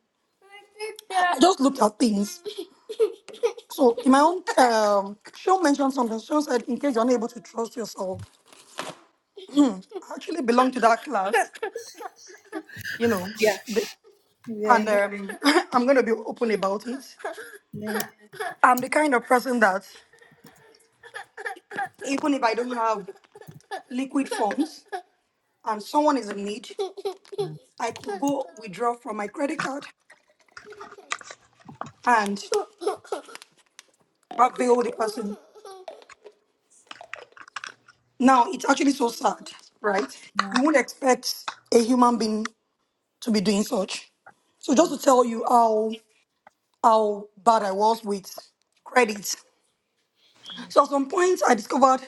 S5: I just looked at things. So in my own, um, Sean mentioned something. Sean said, in case you're unable to trust yourself, I actually belong to that class, you know, the, and um, [laughs] I'm going to be open about it. I'm the kind of person that even if I don't have liquid funds and someone is in need, I could go withdraw from my credit card and avail the person. Now, it's actually so sad, right? You wouldn't expect a human being to be doing such. So just to tell you how how bad I was with credit. So at some point I discovered,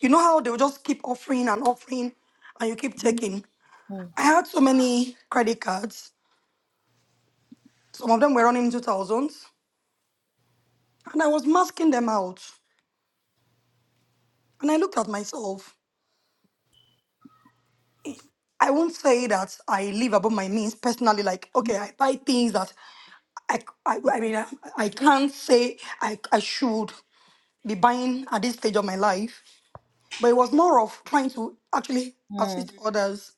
S5: you know how they'll just keep offering and offering and you keep taking. I had so many credit cards. Some of them were running into thousands. And I was masking them out. And I looked at myself. I won't say that I live above my means personally. Like, okay, I buy things that I, I, I mean, I, I can't say I, I should be buying at this stage of my life. But it was more of trying to actually assist others.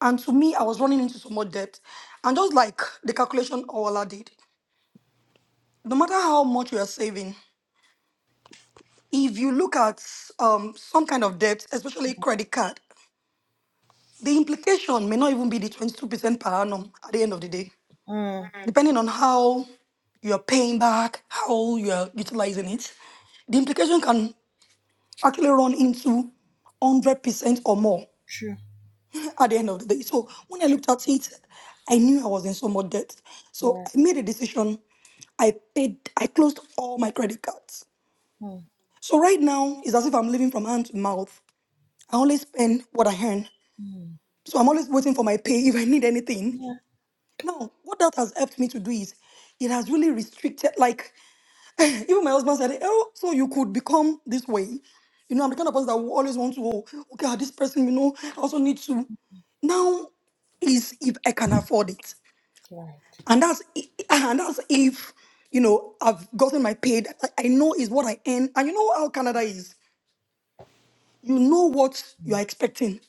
S5: And to me, I was running into so much debt. And just like the calculation Ola did, no matter how much you are saving, if you look at um, some kind of debt, especially credit card, the implication may not even be the 22% per annum at the end of the day, depending on how you're paying back, how you're utilizing it. The implication can actually run into 100% or more at the end of the day. So when I looked at it, I knew I was in so much debt. So I made a decision. I paid, I closed all my credit cards. So right now, it's as if I'm living from hand to mouth. I only spend what I earn. So I'm always waiting for my pay [laughs] if I need anything. Now, what that has helped me to do is it has really restricted, like, even my husband said, Oh, so you could become this way. You know, I'm the kind of person that will always want to, oh, okay, ah, this person, you know, I also need to. Now is if I can afford it. And that's i- and that's if, you know, I've gotten my paid. I I know is what I earn. And you know how Canada is. You know what you are expecting.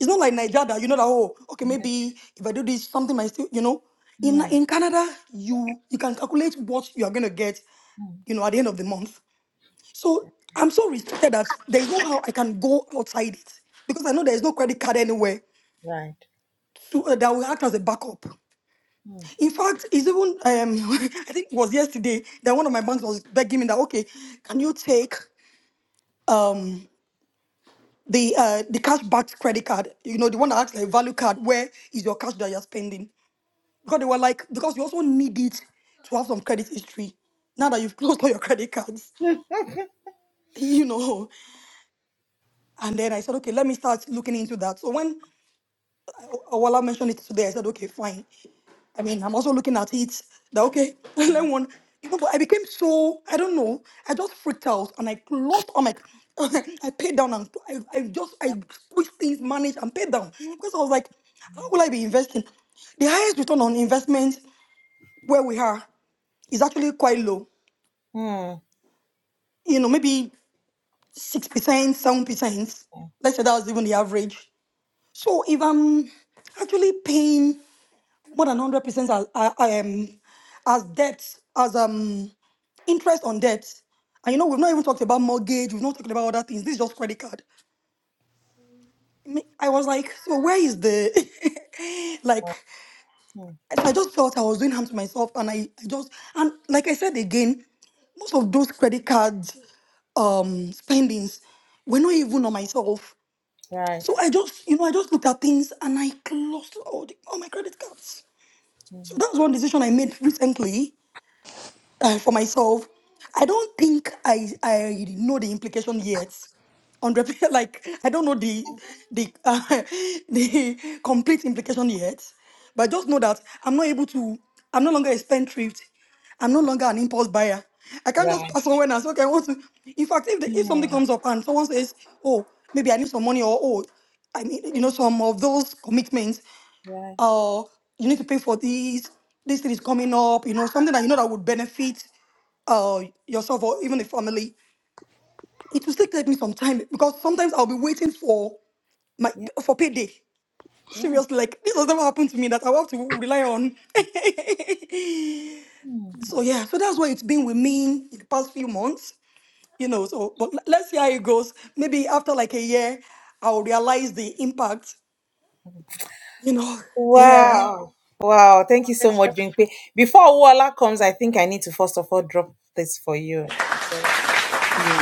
S5: It's not like Nigeria that you know that oh okay maybe if I do this something might still you know. In in Canada you you can calculate what you are gonna get you know at the end of the month. So I'm so restricted that there is no how I can go outside it because I know there is no credit card anywhere to, uh, that will act as a backup. In fact, it's even um [laughs] I think it was yesterday that one of my banks was begging me that okay can you take um the uh the cash backed credit card you know the one that acts like value card where is your cash that you're spending Because they were like, because you also need it to have some credit history. Now that you've [laughs] closed all your credit cards, [laughs] you know. And then I said, okay, let me start looking into that. So when Awala mentioned it today, I said, okay, fine. I mean, I'm also looking at it. That okay, [laughs] let one. You know, but I became so I don't know. I just freaked out and I closed all my. [laughs] I paid down and I, I just I squeezed things, managed and paid down because I was like, how will I be investing? The highest return on investment where we are is actually quite low. you know, maybe 6%, 7%. Let's say that was even the average. So if I'm actually paying more than 100% as, uh, um, as debt, as um, interest on debt, and you know, we've not even talked about mortgage, we've not talked about other things, this is just credit card. I mean, I was like, so where is the, [laughs] like, so I just felt I was doing harm to myself. And I, I just, and like I said again, most of those credit cards um spendings were not even on myself. So I just, you know, I just looked at things and I closed all, the, all my credit cards. So that was one decision I made recently [laughs] uh, for myself, I don't think I I know the implication yet. On the [laughs] like, I don't know the the uh, [laughs] the complete implication yet, but I just know that I'm not able to. I'm no longer a spendthrift. I'm no longer an impulse buyer. I can't just pass someone and say, okay, I want to. In fact, if the, if something comes up and someone says, oh, maybe I need some money or oh, I mean, you know, some of those commitments oh, you need to pay for these, this thing is coming up, you know, something that you know that would benefit uh, yourself or even the family. It will still take me some time because sometimes I'll be waiting for my for payday. Seriously, like this has never happened to me that I have to rely on. [laughs] so yeah, so that's what it's been with me in the past few months, you know. So, but l- let's see how it goes. Maybe after like a year, I'll realize the impact, you know. Yeah.
S2: Yeah.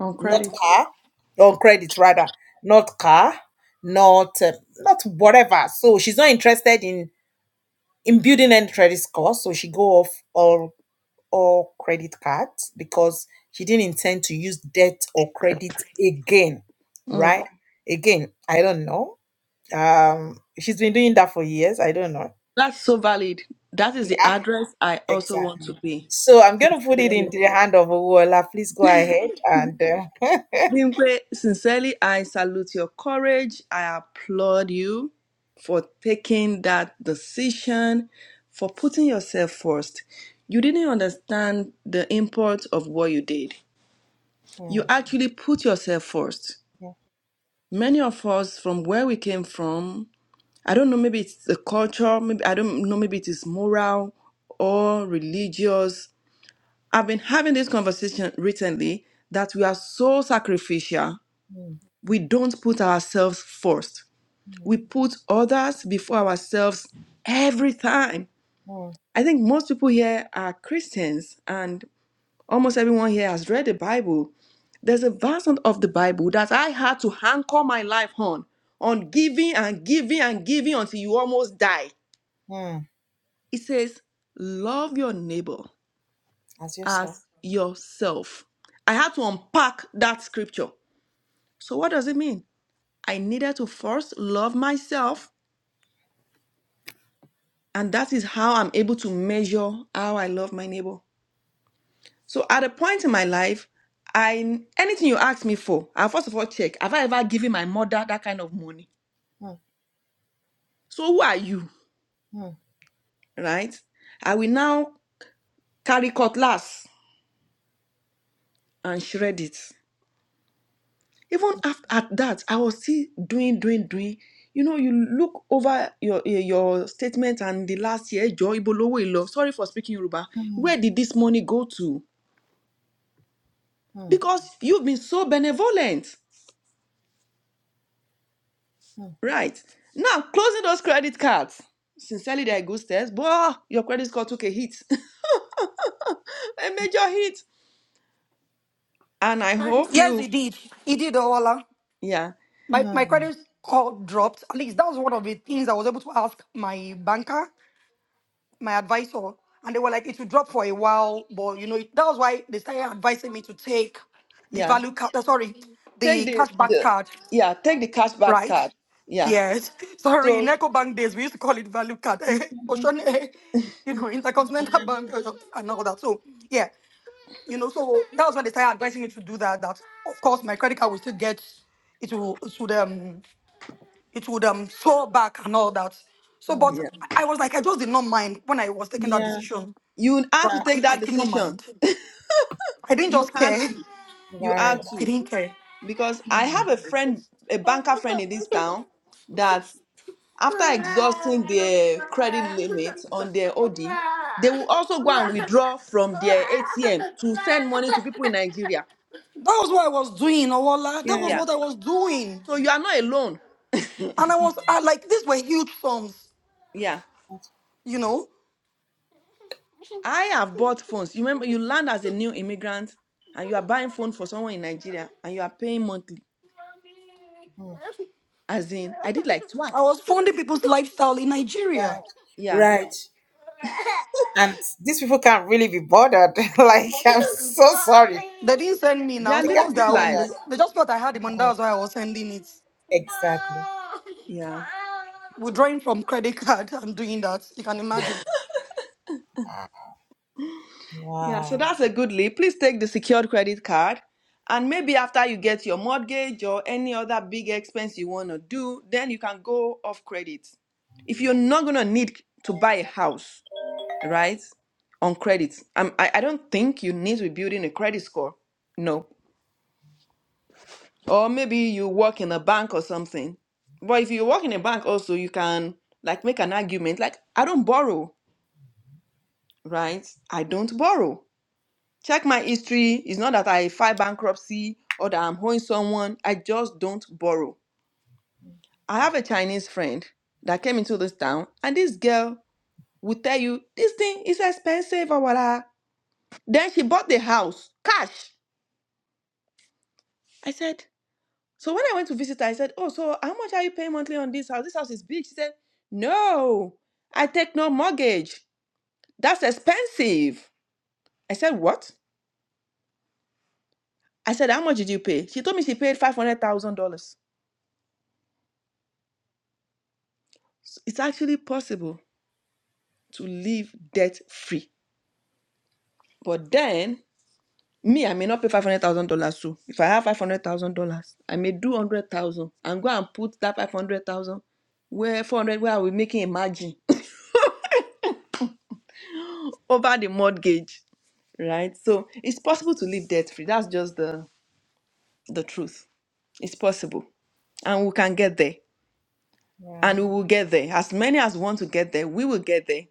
S2: On credit. Mm. That's so valid. That is the address I also want to be. Bimpe, sincerely, I salute your courage. I applaud you for taking that decision, for putting yourself first. You didn't understand the import of what you did. You actually put yourself first. Many of us, from where we came from, I don't know, maybe it's the culture, maybe I don't know, maybe it is moral or religious. I've been having this conversation recently that we are so sacrificial we don't put ourselves first. We put others before ourselves every time. I think most people here are Christians, and almost everyone here has read the Bible. There's a version of the Bible that I had to anchor my life on, on giving and giving and giving until you almost die. It says, Love your neighbor as yourself. I had to unpack that scripture. So, what does it mean? I needed to first love myself And that is how I'm able to measure how I love my neighbor. So at a point in my life, I anything you ask me for, I first of all check, have I ever given my mother that kind of money? So who are you? Right? I will now carry cutlass and shred it. Even after at that, I was still doing, doing, doing. You know, you look over your eh, your statement and the last year, Joy Bolowo Sorry for speaking Yoruba. Where did this money go to? Because you've been so benevolent. Right. Now, closing those credit cards. Sincerely, they're good steps, but ah, your credit score took a hit, [laughs] a major hit. And I hope
S5: Yes,
S2: you,
S5: it did. It did, Ola.
S2: yeah,
S5: My my credit score dropped. At least that was one of the things I was able to ask my banker, my advisor, and they were like, it will drop for a while, but you know it- that was why they started advising me to take the
S2: yeah,
S5: value card. uh, sorry, the
S2: take the,
S5: cashback
S2: the
S5: card,
S2: yeah, take the cashback
S5: right?
S2: card. Yeah.
S5: Yes. [laughs] Sorry,
S2: So,
S5: in Eco Bank days we used to call it value card. [laughs] Eh, Ocean, eh, [laughs] you know, Intercontinental [laughs] Bank uh, and all that. So yeah, you know, so that was when they started advising me to do that. That of course my credit card will still get it will should um it would um soar back and all that. So, but
S2: yeah,
S5: I was like, I just did not mind when I was taking that decision.
S2: you had
S5: Right?
S2: to
S5: I,
S2: take
S5: I
S2: that
S5: did not
S2: decision.
S5: mind. I didn't
S2: You
S5: just
S2: had
S5: care.
S2: to, you had
S5: I
S2: to,
S5: didn't care.
S2: because I have a friend, a banker friend in this town, that After exhausting their credit limit on their OD, they will also go and withdraw from their ATM to send money to people in Nigeria.
S5: That was what I was doing, Owola. That was
S2: Yeah.
S5: what I was doing,
S2: So you are not alone.
S5: and I was I, like, these were huge sums,
S2: Yeah.
S5: you know.
S2: I have bought phones. You remember, you land as a new immigrant and you are buying phone for someone in Nigeria and you are paying monthly. As in, I did like
S5: I was
S2: twice.
S5: funding people's lifestyle in Nigeria.
S2: Yeah.
S5: They didn't send me
S2: They
S5: now,
S2: are
S5: so what's
S2: living
S5: their
S2: good
S5: own? They
S2: lives.
S5: they just thought I had him, and that's why I was sending it.
S2: Yeah.
S5: Withdrawing from credit card [laughs] and doing that, you can imagine.
S2: Yeah, so that's a good lead. Please take the secured credit card. And maybe after you get your mortgage or any other big expense you want to do, then you can go off credit. If you're not going to need to buy a house, right, on credit, um, I, I don't think you need to be building a credit score. No. Or maybe you work in a bank or something. But if you work in a bank also, you can like make an argument like, I don't borrow, right? I don't borrow Check my history. It's not that I file bankruptcy or that I'm owing someone. I just don't borrow. I have a Chinese friend that came into this town, and this girl would tell you this thing is expensive or whatever. Then she bought the house cash. I said, so when I went to visit her, I said, oh, so how much are you paying monthly on this house? This house is big. She said, no, I take no mortgage. That's expensive. I said, what? I said, how much did you pay? She told me she paid five hundred thousand dollars. It's actually possible. to live debt free. But then me, I may not pay five hundred thousand dollars. So if I have five hundred thousand dollars, I may do one hundred thousand dollars and go and put that five hundred thousand dollars where four hundred thousand dollars, where I will making a margin [laughs] over the mortgage, right? So it's possible to live debt free. That's just the the truth. It's possible, and we can get there, and we will get there. As many as want to get there, we will get there.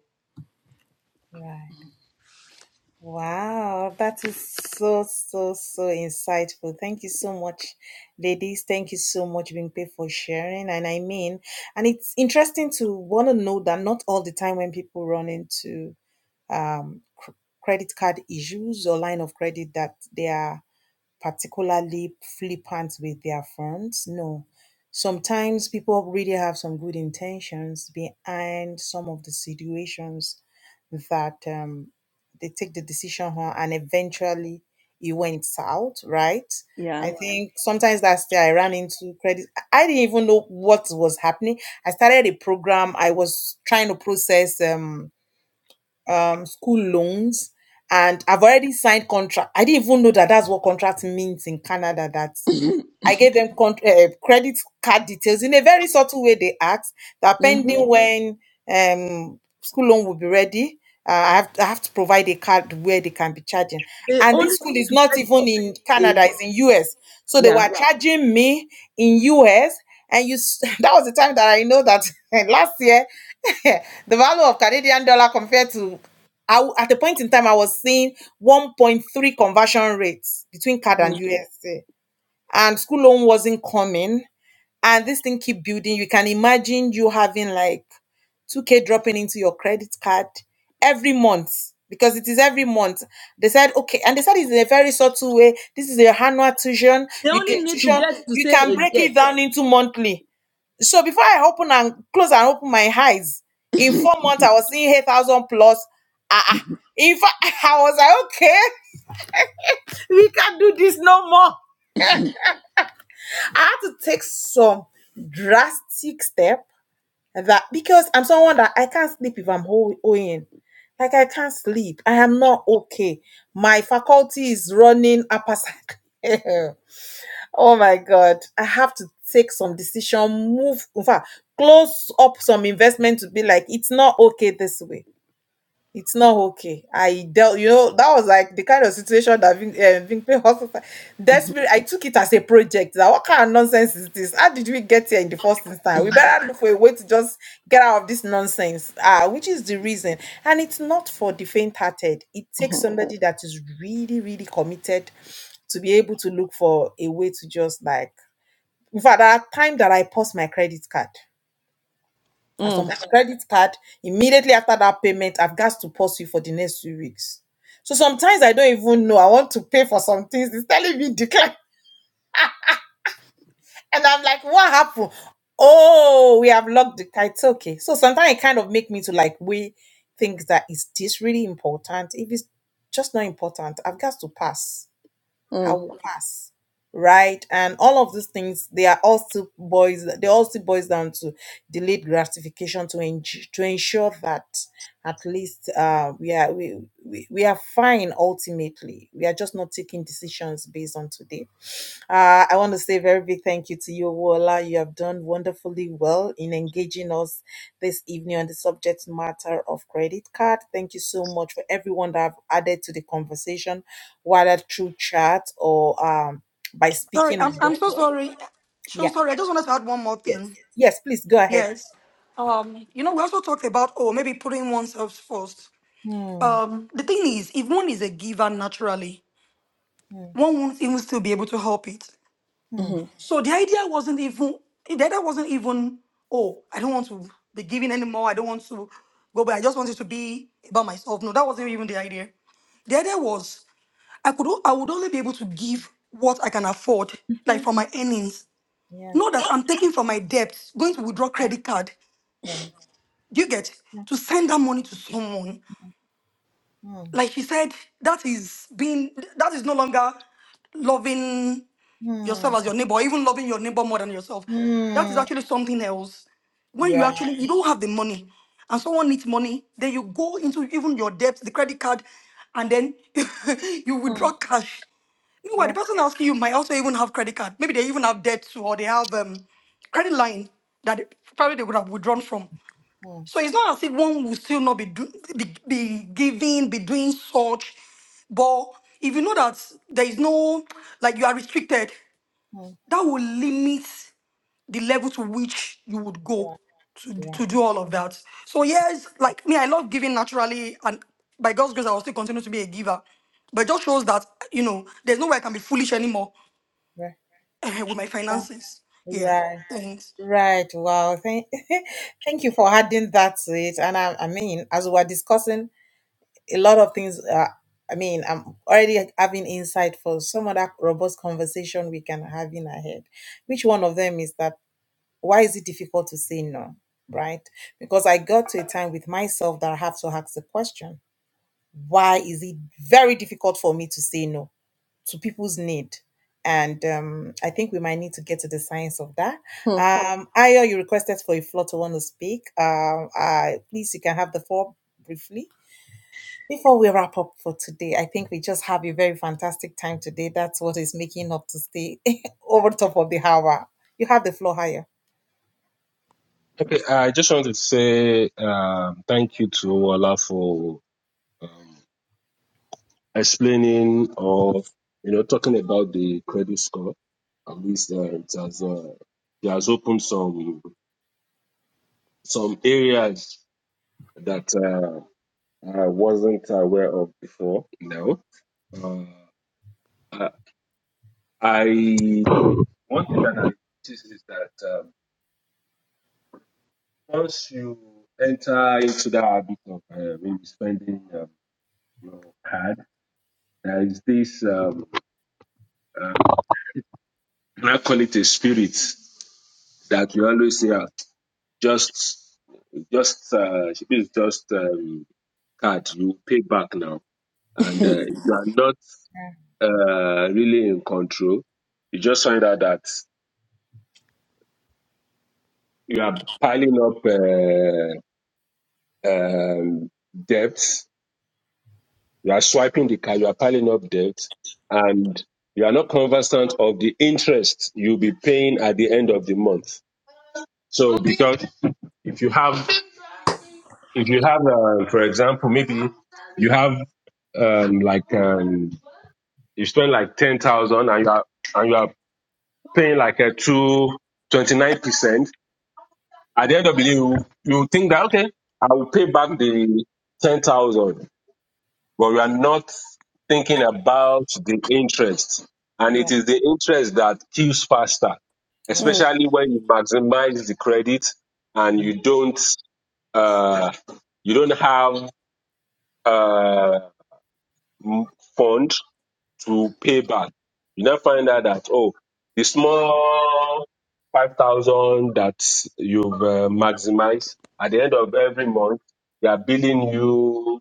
S2: Yeah. Mm-hmm. They only need to get to pay a yeah. Mm. They only need to get to say a yes. Mm, mm, mm,
S5: Sorry, I'm, I'm so sorry. So sorry, I just wanted to add one more thing. Yes. Um, you know, we also talked about, oh, maybe putting oneself first. Um, the thing is, if one is a giver naturally, one won't even still be able to help it.
S2: mm,
S5: So the idea wasn't even the idea wasn't even, oh, I don't want to be giving anymore. I don't want to go back. I just wanted to be about myself. No, that wasn't even the idea. The idea was I could o- I would only be able to give what I can afford, like from my earnings. Not that I'm taking from my debts, going to withdraw credit card. Do you get to send that money to someone? Like she said, that is being that is no longer loving yourself as your neighbor, or even loving your neighbor more than yourself, that is actually something else. When you actually you don't have the money, and someone needs money, then you go into even your debt, the credit card, and then [laughs] you withdraw cash. Meanwhile, the person asking you might also even have credit card. Maybe they even have debt too, or they have um, credit line that they- probably they would have withdrawn from. So it's not as if one will still not be, do, be, be giving, be doing such. But if you know that there is no, like you are restricted, that will limit the level to which you would go to, to do all of that. So yes, like me, I love giving naturally, and by God's grace, I will still continue to be a giver. But it just shows that you know there's no way I can be foolish anymore eh, with my finances. Yeah, thanks.
S3: Okay, I just want to say um, thank you to Owala for um, explaining or you know talking about the credit score. At least uh, it has uh, it has opened some some areas that uh, I wasn't aware of before. No, uh, I I- one thing that I noticed is that. um, Once you enter into that habit of uh, maybe spending um, your card, there is this, um, uh, I call it a spirit that you always say, "Ah, just, just, uh, this is just um, card, you pay back now. And uh, if you are not uh, really in control, you just find out that you are piling up uh, um, debts You are swiping the card. You are piling up debt, and you are not conversant of the interest you'll be paying at the end of the month. So because if you have if you have, uh, for example, maybe you have um, like um, you spend like ten thousand and you are and you are paying like a two twenty nine percent. At the end of the day, you you think that okay, I will pay back the ten thousand. but we are not thinking about the interest. And it is the interest that kills faster,
S2: mm.
S3: especially when you maximize the credit and you don't uh, you don't have uh, m- fund to pay back. You now find out that oh, the small five thousand that you've uh, maximized at the end of every month, they are billing you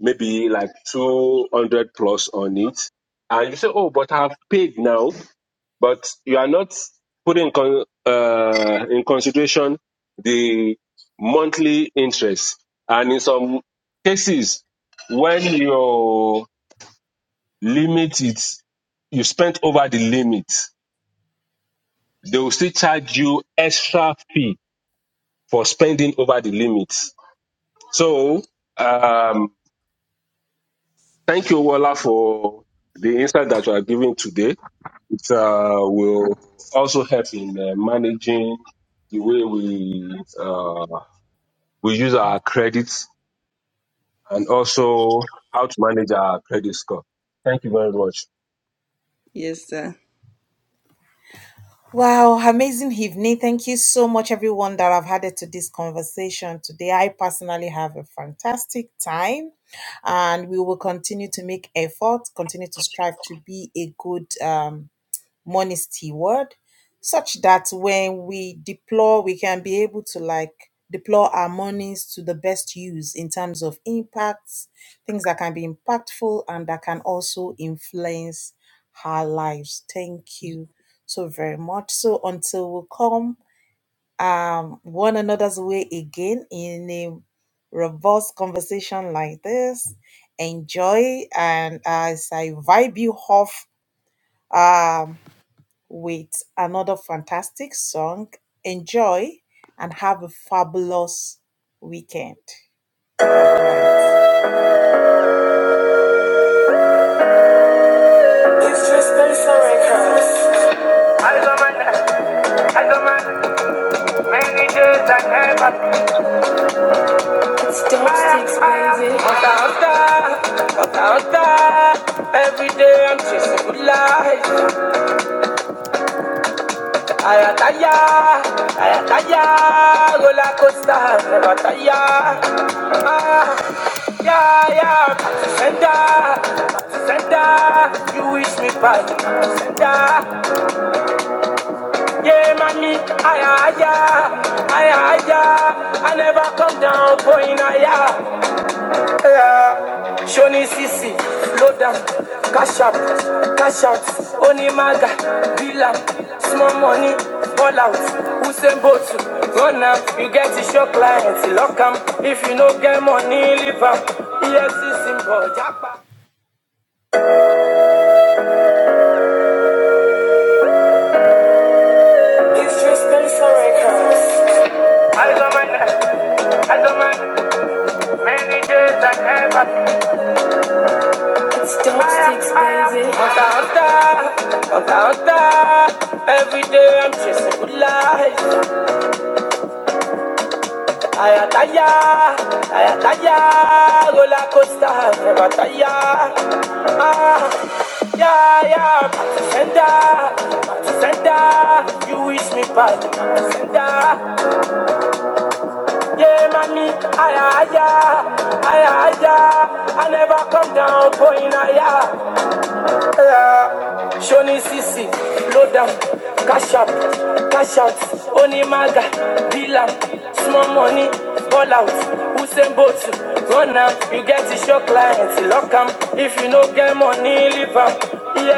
S3: maybe like 200 plus on it. And you say, oh, but I've paid now, but you are not putting in, con- uh, in consideration the monthly interest. And in some cases, when your limit is, you spent over the limit, they will still charge you extra fee for spending over the limit. So, um, thank you, Wala, for the insight that you are giving today uh, will also help in uh, managing the way we uh, we use our credits and also how to manage our credit score. Thank you very much.
S2: Yes, sir.
S1: It's crazy. Never kiss me back. Ah, ah, ah, I never come down. Johnny C C. Load down, cash up, cash out. Only maga, villa, small money, ball out. Who send boat run now? You get to your clients, Lock lock 'em. If you no get money, leave 'em. EFC symbol, jackpot. It's just been so record. Counter, on counter. Every day I'm chasing good life. I am tired, I am tired. Roller coaster, never tire. Ah, yeah, yeah. Back to center, back to center. You wish me back to center. Yeah, mommy, I am higher, I am I never come down, going higher. Yeah. Shoni Sisi, Lodam, Cash Up, Cash Out, Onimaga, Dilam, Small Money, All Out, Who Sent You, Run Am, You Get Up, Clap come If Am, Iye